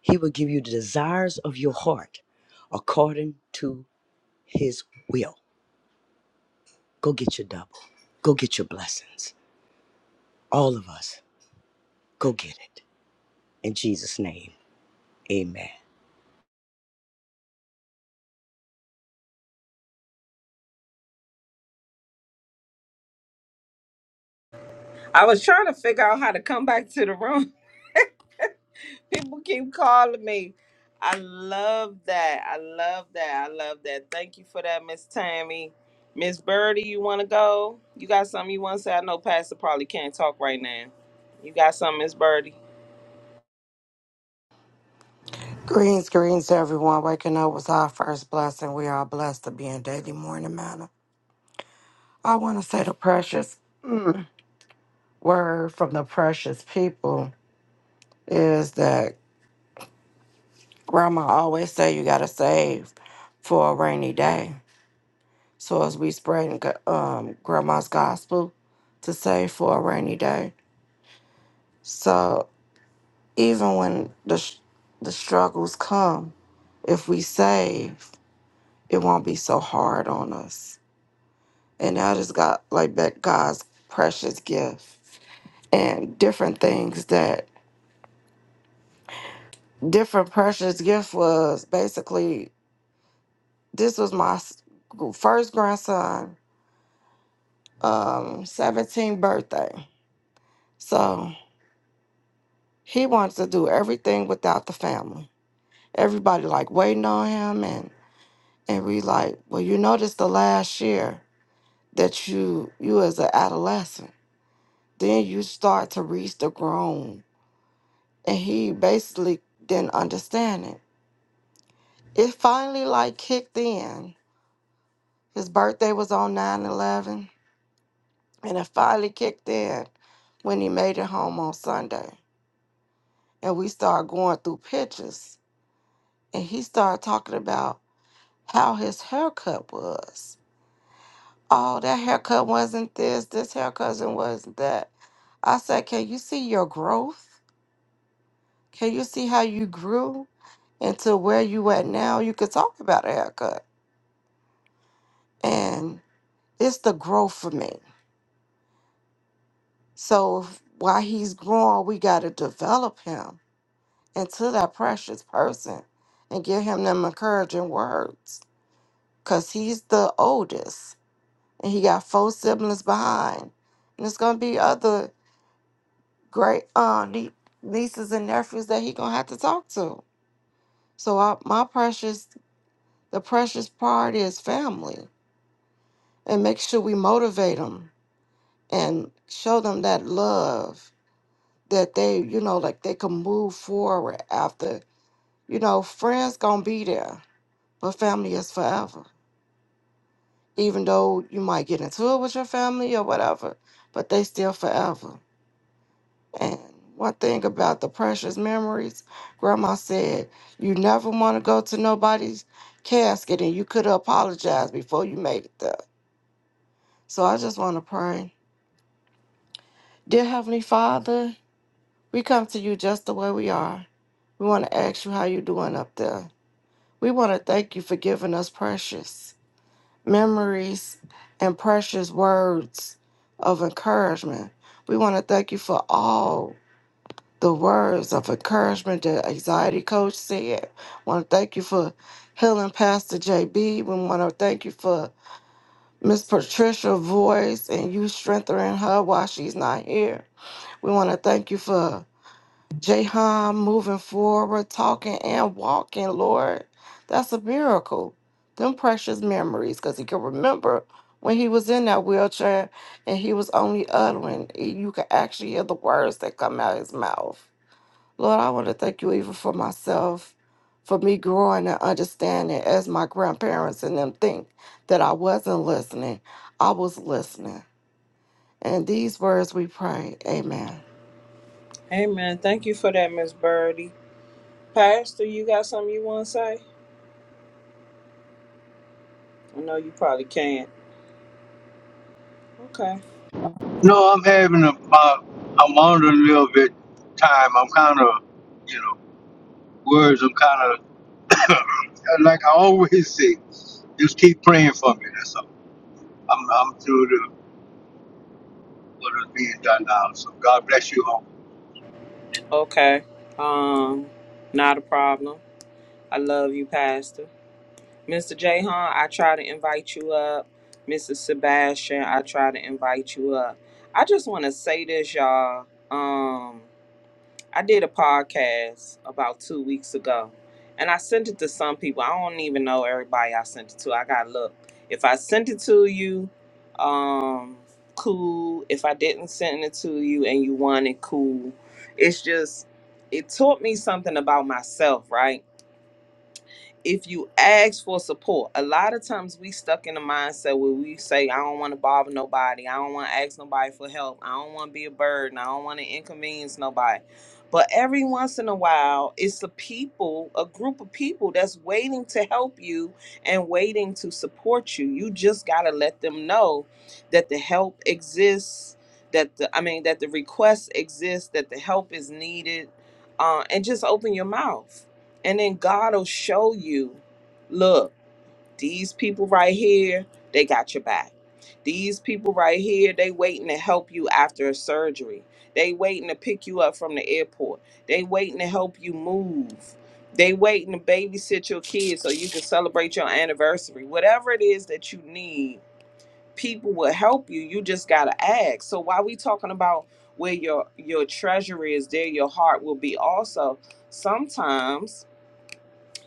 Speaker 4: he will give you the desires of your heart according to his will. Go get your double. Go get your blessings. All of us, go get it. In Jesus' name. Amen.
Speaker 3: I was trying to figure out how to come back to the room. People keep calling me. I love that. I love that. I love that. Thank you for that, Miss Tammy. Miss Birdie, you want to go? You got something you want to say? I know Pastor probably can't talk right now. You got something, Miss Birdie?
Speaker 5: Greens, greens, everyone. Waking up was our first blessing. We are blessed to be in daily morning manner. I want to say the precious word from the precious people is that Grandma always say you gotta save for a rainy day. So as we spreading go- um, Grandma's gospel to save for a rainy day. So even when the sh- the struggles come, if we save, it won't be so hard on us. and I just got like that God's precious gift and different things that different precious gift was basically this was my s- first grandson um 17th birthday so he wanted to do everything without the family everybody like waiting on him and and we like well you know this the last year that you you as an adolescent then you start to reach the grown and he basically didn't understand it It finally like kicked in. His birthday was on nine eleven, and it finally kicked in when he made it home on Sunday. And we started going through pictures, and he started talking about how his haircut was. Oh, that haircut wasn't this, this haircut wasn't that. I said, Can you see your growth? Can you see how you grew? into where you at now, you could talk about a haircut. And it's the growth for me. So if, while he's growing, we got to develop him into that precious person and give him them encouraging words because he's the oldest and he got four siblings behind. And it's going to be other great uh, nie- nieces and nephews that he going to have to talk to. So I, my precious, the precious part is family and make sure we motivate them and show them that love that they, you know, like they can move forward after You know, friends gonna be there, but family is forever. Even though you might get into it with your family or whatever, but they still forever. And one thing about the precious memories, grandma said, you never wanna go to nobody's casket and you could apologize before you made it there. So I just wanna pray. Dear Heavenly Father, we come to you just the way we are. We wanna ask you how you doing up there. We wanna thank you for giving us precious. memories, and precious words of encouragement. We want to thank you for all the words of encouragement that Anxiety Coach said. want to thank you for healing Pastor JB. We want to thank you for Miss Patricia's voice and you strengthening her while she's not here. We want to thank you for Jahan moving forward, talking and walking, Lord. That's a miracle. Them precious memories, because he can remember when he was in that wheelchair and he was only uttering. And You could actually hear the words that come out of his mouth. Lord, I want to thank you even for myself, for me growing and understanding as my grandparents and them think that I wasn't listening. I was listening. And these words we pray. Amen.
Speaker 3: Amen. Thank you for that, Miss Birdie. Pastor, you got something you want to say? I know you probably can't. Okay.
Speaker 1: No, I'm having a, uh, I'm on a little bit time. I'm kind of, you know, words. I'm kind of, like I always say, just keep praying for me. I'm, I'm through to what is being done now. So God bless you all.
Speaker 3: Okay. Um, not a problem. I love you, Pastor. Mr. Jahan, I try to invite you up. Mrs. Sebastian, I try to invite you up. I just want to say this, y'all. Um, I did a podcast about two weeks ago, and I sent it to some people. I don't even know everybody I sent it to. I gotta look. If I sent it to you, um, cool. If I didn't send it to you and you want it, cool. It's just it taught me something about myself, right? if you ask for support, a lot of times we stuck in the mindset where we say, I don't want to bother nobody. I don't want to ask nobody for help. I don't want to be a burden. I don't want to inconvenience nobody. But every once in a while, it's the people, a group of people that's waiting to help you and waiting to support you. You just got to let them know that the help exists, that the, I mean, that the request exists, that the help is needed, uh, and just open your mouth and then God will show you, look, these people right here, they got your back. These people right here, they waiting to help you after a surgery. They waiting to pick you up from the airport. They waiting to help you move. They waiting to babysit your kids so you can celebrate your anniversary. Whatever it is that you need, people will help you. You just gotta ask. So while we talking about where your your treasure is, there your heart will be also. Sometimes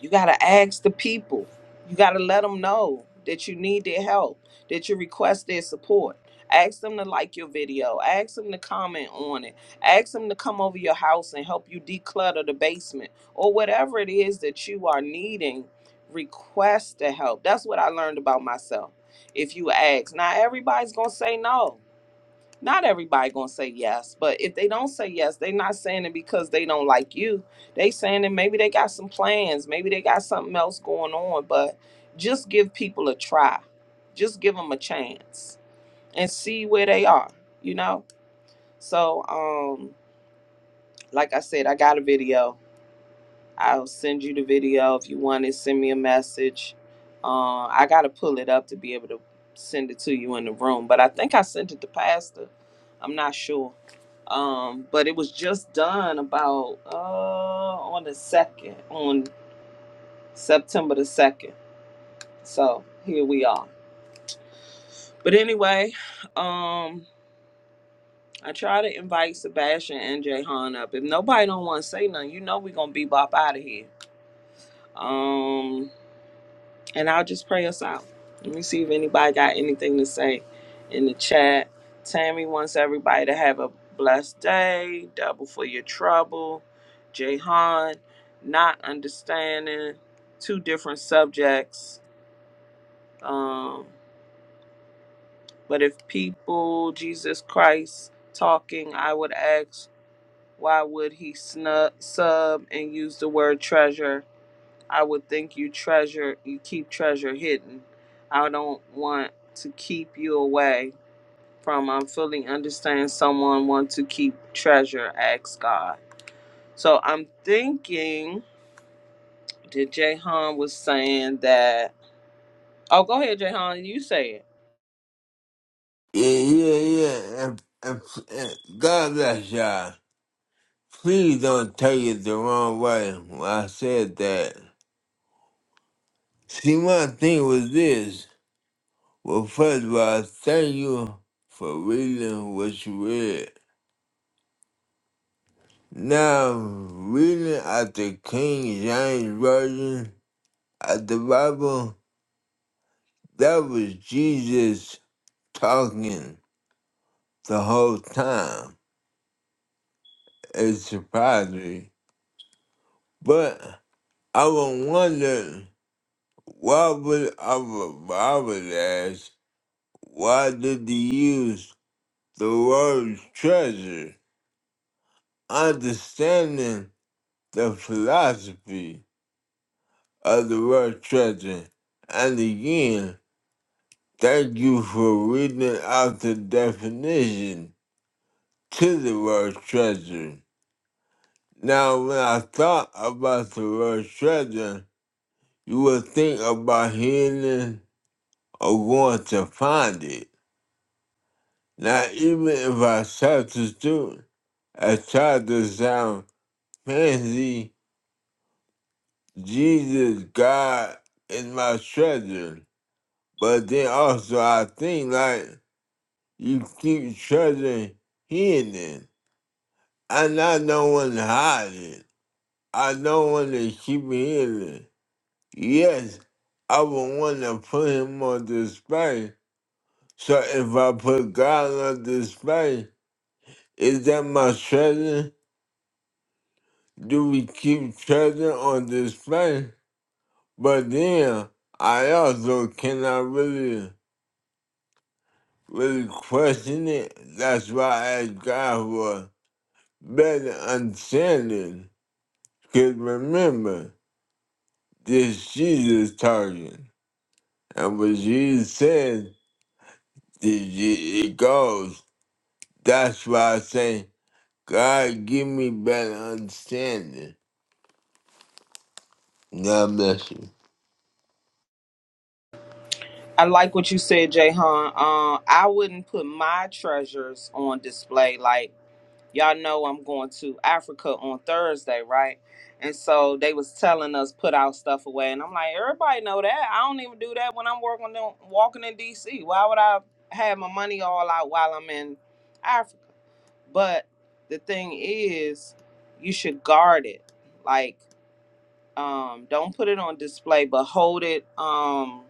Speaker 3: you got to ask the people. You got to let them know that you need their help, that you request their support. Ask them to like your video. Ask them to comment on it. Ask them to come over your house and help you declutter the basement or whatever it is that you are needing. Request the help. That's what I learned about myself. If you ask, now everybody's going to say no not everybody gonna say yes but if they don't say yes they not saying it because they don't like you they saying that maybe they got some plans maybe they got something else going on but just give people a try just give them a chance and see where they are you know so um like i said i got a video I'll send you the video if you want it. Send me a message. Uh, I gotta pull it up to be able to send it to you in the room, but I think I sent it to Pastor. I'm not sure, um, but it was just done about uh, on the second, on September the second. So here we are. But anyway, um, I try to invite Sebastian and Jay Han up. If nobody don't want to say nothing, you know we gonna bebop out of here. Um, and I'll just pray us out. Let me see if anybody got anything to say in the chat. Tammy wants everybody to have a blessed day, double for your trouble. Jahan, not understanding two different subjects. Um, but if people, Jesus Christ talking, I would ask, why would he snub, sub and use the word treasure? I would think you treasure, you keep treasure hidden. I don't want to keep you away from. I'm fully understand someone wants to keep treasure. Ask God. So I'm thinking that Jahan was saying that. Oh, go ahead, Jahan. You say it.
Speaker 2: Yeah, yeah, yeah. And, and, God bless y'all. Please don't take it the wrong way when I said that. See, my thing was this. Well, first of all, thank you for reading what you read. Now, reading out the King James Version of the Bible, that was Jesus talking the whole time. It's surprising. But I would wonder why would our Bible ask, why did they use the word treasure? Understanding the philosophy of the word treasure. And again, Thank you for reading out the definition to the word treasure. Now, when I thought about the word treasure, you would think about healing or going to find it. Now, even if I substitute I try to sound fancy, Jesus, God, is my treasure. But then also, I think like you keep treasuring healing. I not know when to hide it. I know when to keep it hidden. Yes, I would want to put him on display. So if I put God on display, is that my treasure? Do we keep treasure on display? But then I also cannot really, really question it. That's why I ask God for better understanding. Because remember, this Jesus target. And what Jesus said, it, it goes. That's why I say, God, give me better understanding. God bless you.
Speaker 3: I like what you said, Jahan. Uh, I wouldn't put my treasures on display. Like y'all know I'm going to Africa on Thursday, right? And so they was telling us put our stuff away, and I'm like, everybody know that. I don't even do that when I'm working on walking in D.C. Why would I have my money all out while I'm in Africa? But the thing is, you should guard it. Like, um, don't put it on display, but hold it. Um,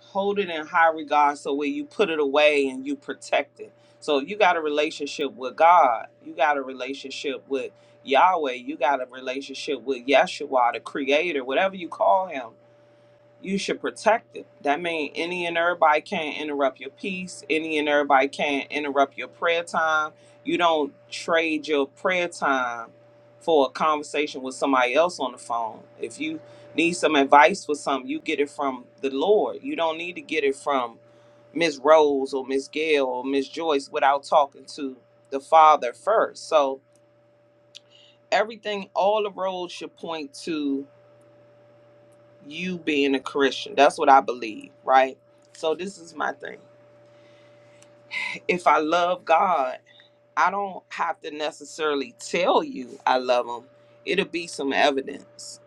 Speaker 3: hold it in high regard so where you put it away and you protect it. So you got a relationship with God. You got a relationship with Yahweh. You got a relationship with Yeshua, the creator, whatever you call him you should protect it. That means any and everybody can't interrupt your peace. Any and everybody can't interrupt your prayer time. You don't trade your prayer time for a conversation with somebody else on the phone. If you need some advice for something, you get it from the Lord. You don't need to get it from Miss Rose or Miss Gail or Miss Joyce without talking to the Father first. So everything, all the roads should point to you being a Christian. That's what I believe, right? So this is my thing. If I love God, I don't have to necessarily tell you I love him. It'll be some evidence.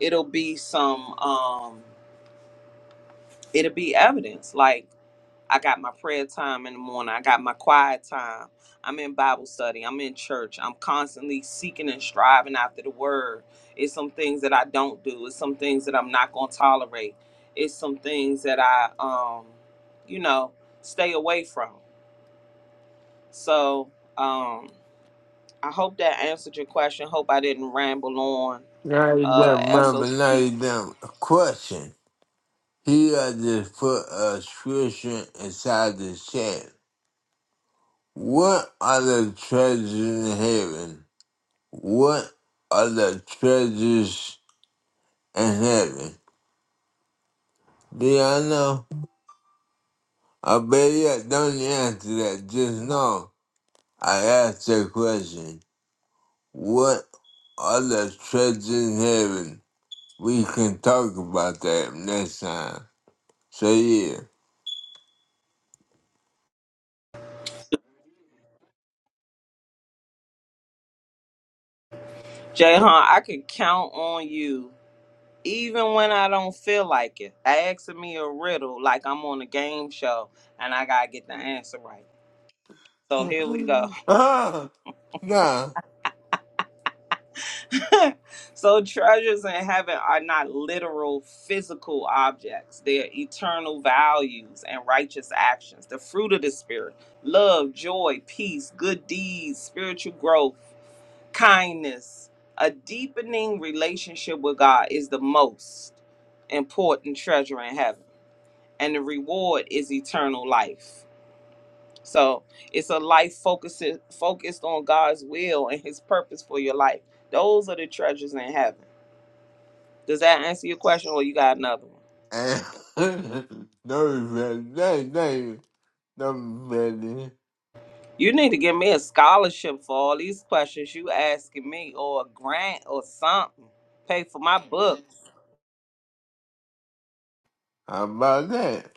Speaker 3: It'll be some um it'll be evidence. Like I got my prayer time in the morning. I got my quiet time. I'm in Bible study. I'm in church. I'm constantly seeking and striving after the word. It's some things that I don't do. It's some things that I'm not going to tolerate. It's some things that I, um, you know, stay away from. So um, I hope that answered your question. Hope I didn't ramble on.
Speaker 2: Now you done,
Speaker 3: Uh,
Speaker 2: remember,
Speaker 3: SOP.
Speaker 2: now you done. A question. He had just put a scripture inside the chat. What are the treasures in heaven? What are the treasures in heaven? Do y'all know? I bet you don't answer that. Just know. I asked the question, what are the treasures in heaven? We can talk about that next time. So yeah.
Speaker 3: Jay I can count on you even when I don't feel like it. Asking me a riddle like I'm on a game show and I gotta get the answer right. So here we go.
Speaker 2: Ah, nah.
Speaker 3: so treasures in heaven are not literal physical objects. They're eternal values and righteous actions. The fruit of the spirit, love, joy, peace, good deeds, spiritual growth, kindness, a deepening relationship with God is the most important treasure in heaven. and the reward is eternal life. So it's a life focused focused on God's will and His purpose for your life. Those are the treasures in heaven. Does that answer your question, or you got another one?
Speaker 2: Eh, no regret. No, no, no regret.
Speaker 3: You need to give me a scholarship for all these questions you asking me, or a grant, or something. Pay for my book.
Speaker 2: How about that?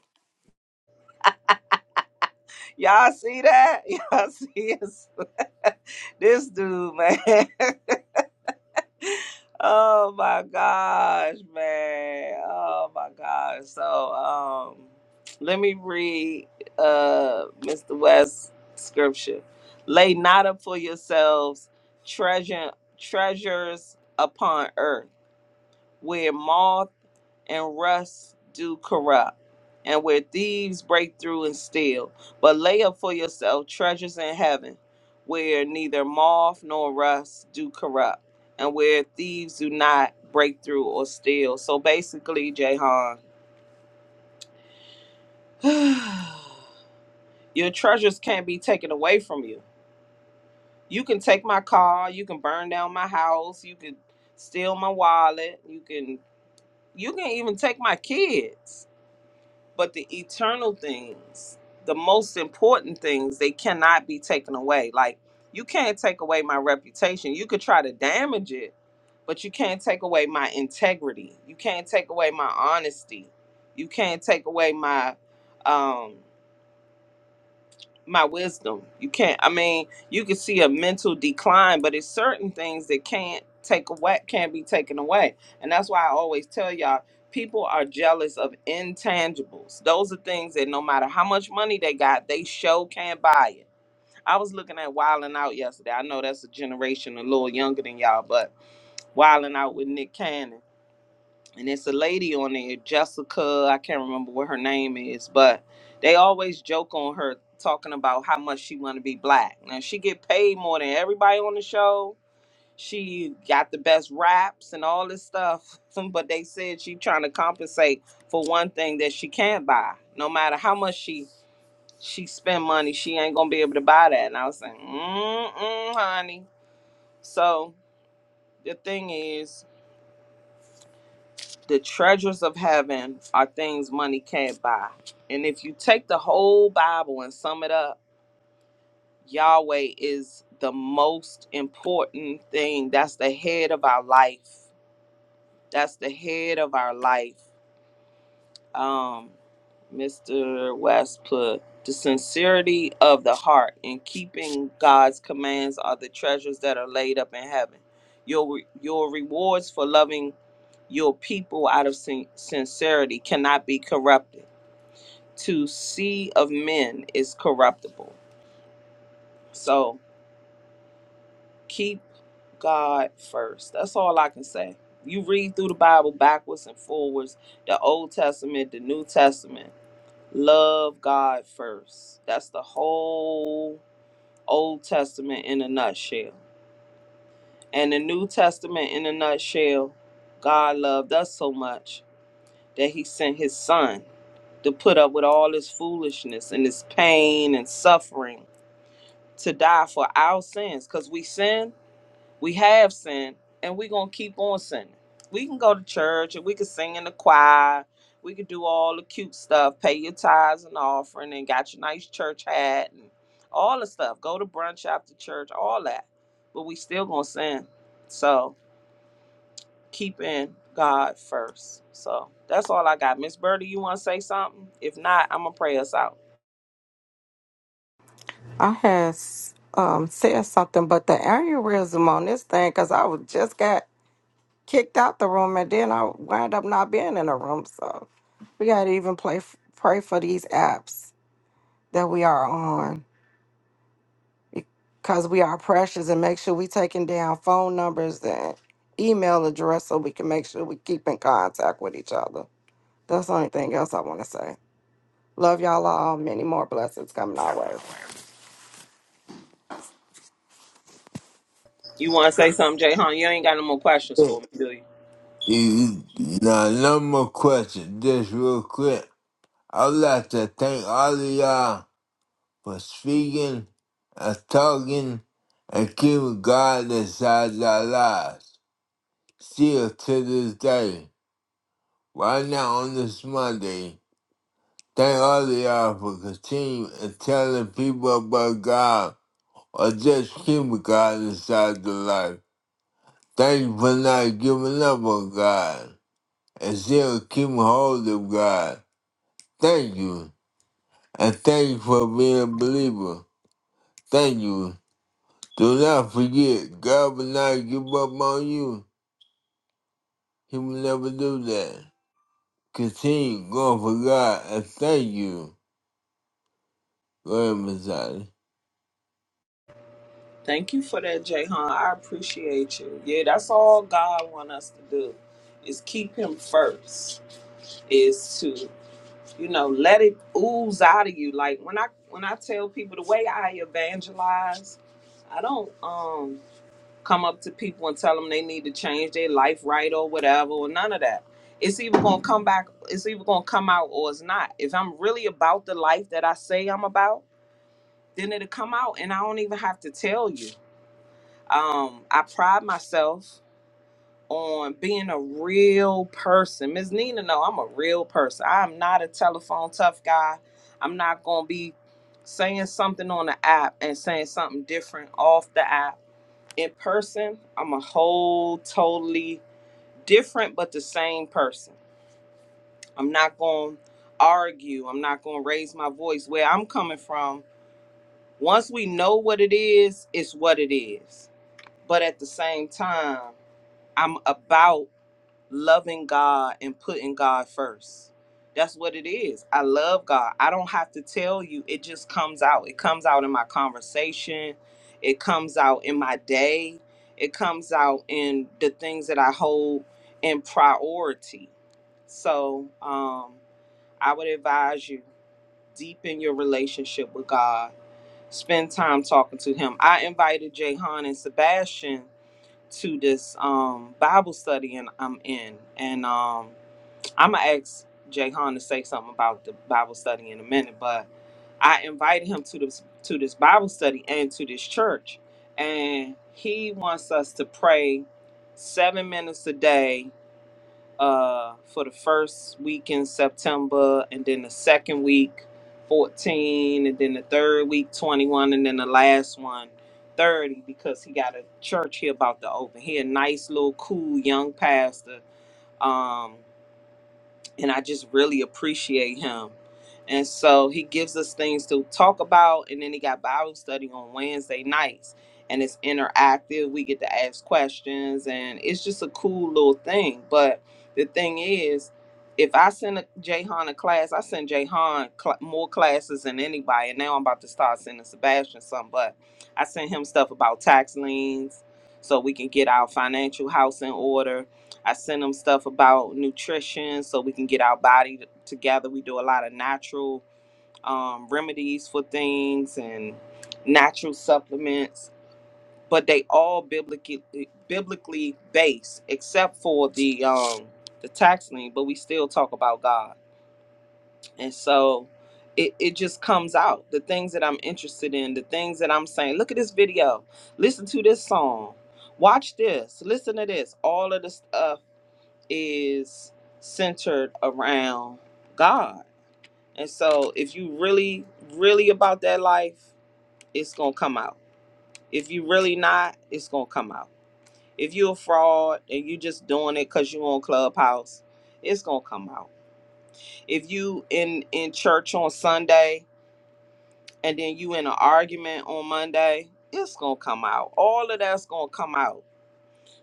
Speaker 3: Y'all see that? Y'all see this, this dude, man? oh my gosh, man. Oh my gosh. So um let me read uh Mr. West's scripture. Lay not up for yourselves treasure treasures upon earth where moth and rust do corrupt, and where thieves break through and steal. But lay up for yourself treasures in heaven, where neither moth nor rust do corrupt, and where thieves do not break through or steal. So basically, Jahan, your treasures can't be taken away from you. You can take my car, you can burn down my house, you can steal my wallet, you can you can even take my kids but the eternal things, the most important things, they cannot be taken away. Like you can't take away my reputation. You could try to damage it, but you can't take away my integrity. You can't take away my honesty. You can't take away my um my wisdom. You can't. I mean, you can see a mental decline, but it's certain things that can't take away, can't be taken away, and that's why I always tell y'all. People are jealous of intangibles. Those are things that no matter how much money they got, they show can't buy it. I was looking at Wildin' Out yesterday. I know that's a generation a little younger than y'all, but Wildin' Out with Nick Cannon and it's a lady on there, Jessica. I can't remember what her name is, but they always joke on her talking about how much she want to be black. Now she get paid more than everybody on the show. She got the best raps and all this stuff, but they said she trying to compensate for one thing that she can't buy. No matter how much she she spend money, she ain't gonna be able to buy that. And I was saying, mm mm, honey. So the thing is. The treasures of heaven are things money can't buy. And if you take the whole Bible and sum it up, Yahweh is the most important thing. That's the head of our life. That's the head of our life um, Mr. West put the sincerity of the heart and keeping God's commands are the treasures that are laid up in heaven. Your re- your rewards for loving your people out of sin- sincerity cannot be corrupted. To see of men is corruptible. So keep God first. That's all I can say. You read through the Bible backwards and forwards, the Old Testament, the New Testament. Love God first. That's the whole Old Testament in a nutshell. And the New Testament in a nutshell, God loved us so much that he sent his son to put up with all this foolishness and this pain and suffering to die for our sins because we sin we have sinned and we're going to keep on sinning. We can go to church and we can sing in the choir. We can do all the cute stuff, pay your tithes and offering and got your nice church hat and all the stuff. Go to brunch after church, all that. But we still going to sin. So keeping God first. So that's all I got. Miss Birdie, you want to say something? If not, I'm going to pray us out.
Speaker 5: I had s- um, said something, but the aneurysm on this thing, because I was just got kicked out the room, and then I wound up not being in the room. So we got to even play, f- pray for these apps that we are on, because we are precious, and make sure we taking down phone numbers and email address so we can make sure we keep in contact with each other. That's the only thing else I want to say. Love y'all all. Many more blessings coming our way.
Speaker 3: You want to say something, Jay Hon? You ain't got no more questions
Speaker 2: Yeah.
Speaker 3: for me, do you?
Speaker 2: You, now, no more questions. Just real quick. I'd like to thank all of y'all for speaking and talking and keeping God inside our lives. Still to this day, right now on this Monday, thank all of y'all for continuing and telling people about God or just keeping God inside the life. Thank you for not giving up on God and still keeping hold of God. Thank you. And thank you for being a believer. Thank you. Do not forget, God will not give up on you. He will never do that. Continue going for God and thank you. Go ahead, Messiah.
Speaker 3: Thank you for that, Jay Hahn. I appreciate you. Yeah, that's all God want us to do is keep him first. Is to, you know, let it ooze out of you. Like when I when I tell people the way I evangelize, I don't um come up to people and tell them they need to change their life right or whatever or none of that. It's either gonna come back, it's either gonna come out or it's not. If I'm really about the life that I say I'm about, then it'll come out and I don't even have to tell you um, I pride myself on being a real person. Miss Nina, no, I'm a real person. I'm not a telephone tough guy. I'm not gonna be saying something on the app and saying something different off the app. In person, I'm a whole totally different but the same person. I'm not gonna argue. I'm not gonna raise my voice. Where I'm coming from, once we know what it is, it's what it is. But at the same time, I'm about loving God and putting God first. That's what it is. I love God. I don't have to tell you. It just comes out. It comes out in my conversation. It comes out in my day. It comes out in the things that I hold in priority. So um, I would advise you deepen your relationship with God. Spend time talking to Him. I invited Jahan and Sebastian to this um Bible study and I'm in. And um I'm gonna ask Jay Han to say something about the Bible study in a minute, but I invited him to this to this Bible study and to this church. And he wants us to pray seven minutes a day uh, for the first week in September, and then the second week, 14, and then the third week, 21, and then the last one, 30. because he got a church here about to open. He a nice little cool young pastor. Um, and I just really appreciate him. And so he gives us things to talk about, and then he got Bible study on Wednesday nights, and it's interactive. We get to ask questions, and it's just a cool little thing. But the thing is, if I send a Jahan a class, I send Jahan cl- more classes than anybody. And now I'm about to start sending Sebastian some, but I send him stuff about tax liens so we can get our financial house in order I send them stuff about nutrition so we can get our body t- together. We do a lot of natural um, remedies for things and natural supplements, but they all biblically biblically based, except for the um, the tax lien. But we still talk about God, and so. It, it just comes out the things that i'm interested in the things that i'm saying look at this video listen to this song watch this listen to this all of this is centered around God. And so if you really, really about that life, it's gonna come out. If you really not, it's gonna come out. If you're a fraud and you just doing it because you on clubhouse, it's gonna come out. If you in in church on Sunday and then you in an argument on Monday, it's gonna come out. All of that's gonna come out.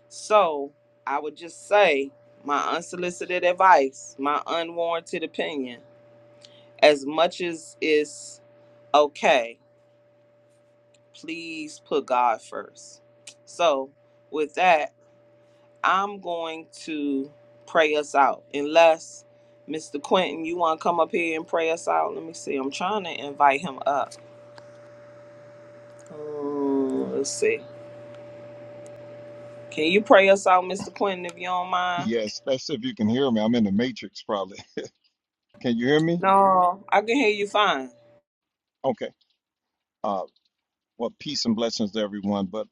Speaker 3: So I would just say my unsolicited advice, my unwarranted opinion as much as it's okay, please put God first. So, with that, I'm going to pray us out. Unless Mr. Quentin, you want to come up here and pray us out? Let me see. I'm trying to invite him up. Mm, let's see. Can you pray us out, Mr. Quentin, if you don't mind?
Speaker 6: Yes, that's if you can hear me. I'm in the matrix, probably. Can you hear me?
Speaker 3: No, I can hear you fine.
Speaker 6: Okay. Uh, well, peace and blessings to everyone. But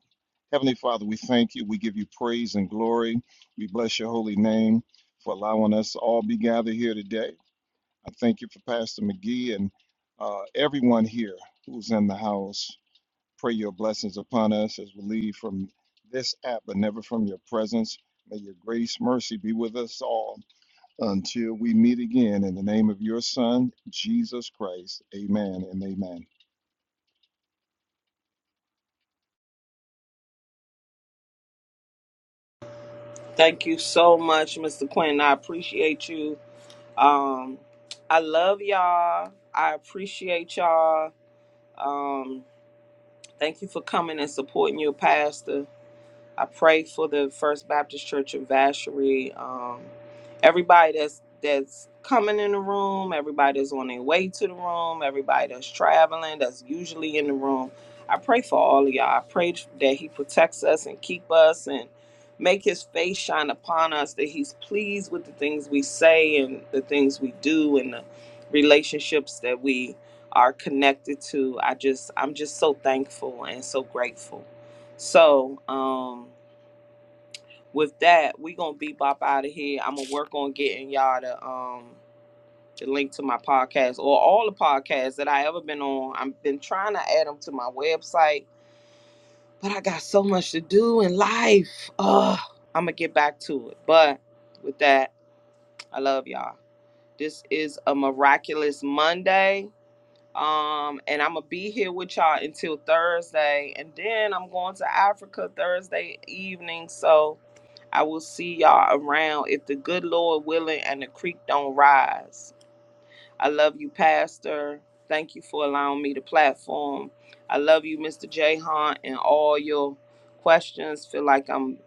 Speaker 6: Heavenly Father, we thank you. We give you praise and glory. We bless your holy name for allowing us to all be gathered here today. I thank you for Pastor McGee and uh, everyone here who's in the house. Pray your blessings upon us as we leave from this app, but never from your presence. May your grace, mercy be with us all. until we meet again in the name of your Son, Jesus Christ. Amen and amen.
Speaker 3: Thank you so much, Mr. Quentin. I appreciate you. Um, I love y'all. I appreciate y'all Um, thank you for coming and supporting your pastor. I pray for the First Baptist Church of Vacherie. Um, everybody that's that's coming in the room, everybody that's on their way to the room, everybody that's traveling, that's usually in the room. I pray for all of y'all. I pray that He protects us and keep us and make His face shine upon us. That He's pleased with the things we say and the things we do and the relationships that we are connected to. I just, I'm just so thankful and so grateful. So, um, with that, we gonna be bop out of here. I'm gonna work on getting y'all the um the link to my podcast or all the podcasts that I ever been on. I've been trying to add them to my website, but I got so much to do in life. Ugh, I'm gonna get back to it. But with that, I love y'all. This is a miraculous Monday. Um, and I'm gonna be here with y'all until Thursday, and then I'm going to Africa Thursday evening. So I will see y'all around if the good Lord willing and the creek don't rise. I love you, Pastor. Thank you for allowing me the platform. I love you, Mr. Jahan, and all your questions. Feel like I'm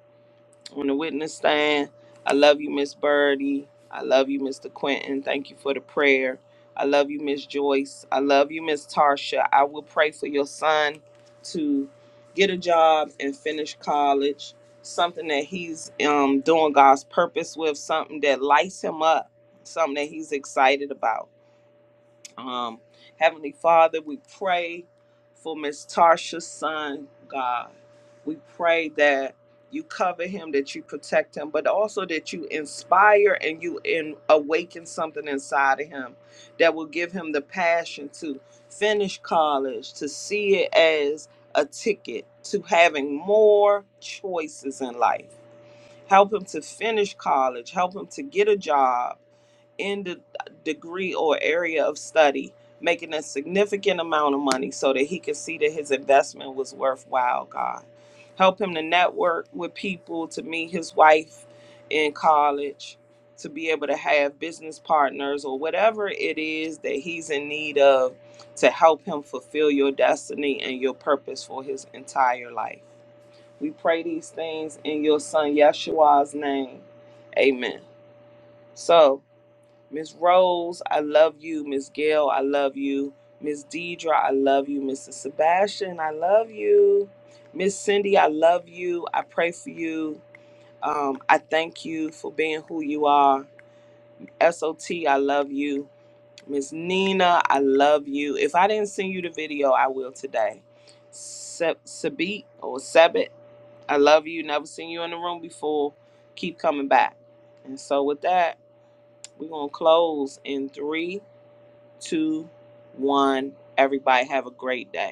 Speaker 3: on the witness stand. I love you, Miss Birdie. I love you, Mr. Quentin. Thank you for the prayer. I love you, Miss Joyce. I love you, Miss Tarsha. I will pray for your son to get a job and finish college, something that he's um, doing God's purpose with, something that lights him up, something that he's excited about. Um, Heavenly Father, we pray for Miss Tarsha's son, God. We pray that you cover him, that you protect him, but also that you inspire and you in, awaken something inside of him that will give him the passion to finish college, to see it as a ticket to having more choices in life help him to finish college, help him to get a job in the degree or area of study, making a significant amount of money so that he could see that his investment was worthwhile, God. Help him to network with people, to meet his wife in college, to be able to have business partners or whatever it is that he's in need of to help him fulfill your destiny and your purpose for his entire life. We pray these things in your son Yeshua's name. Amen. So, Miss Rose, I love you. Miss Gail, I love you. Miss Deidre, I love you. Mr. Sebastian, I love you. Miss Cindy, I love you. I pray for you. Um, I thank you for being who you are. SOT, I love you. Miss Nina, I love you. If I didn't send you the video, I will today. Se- Sabit or Sabit, I love you. Never seen you in the room before. Keep coming back. And so with that, we're gonna close in three, two, one. Everybody have a great day.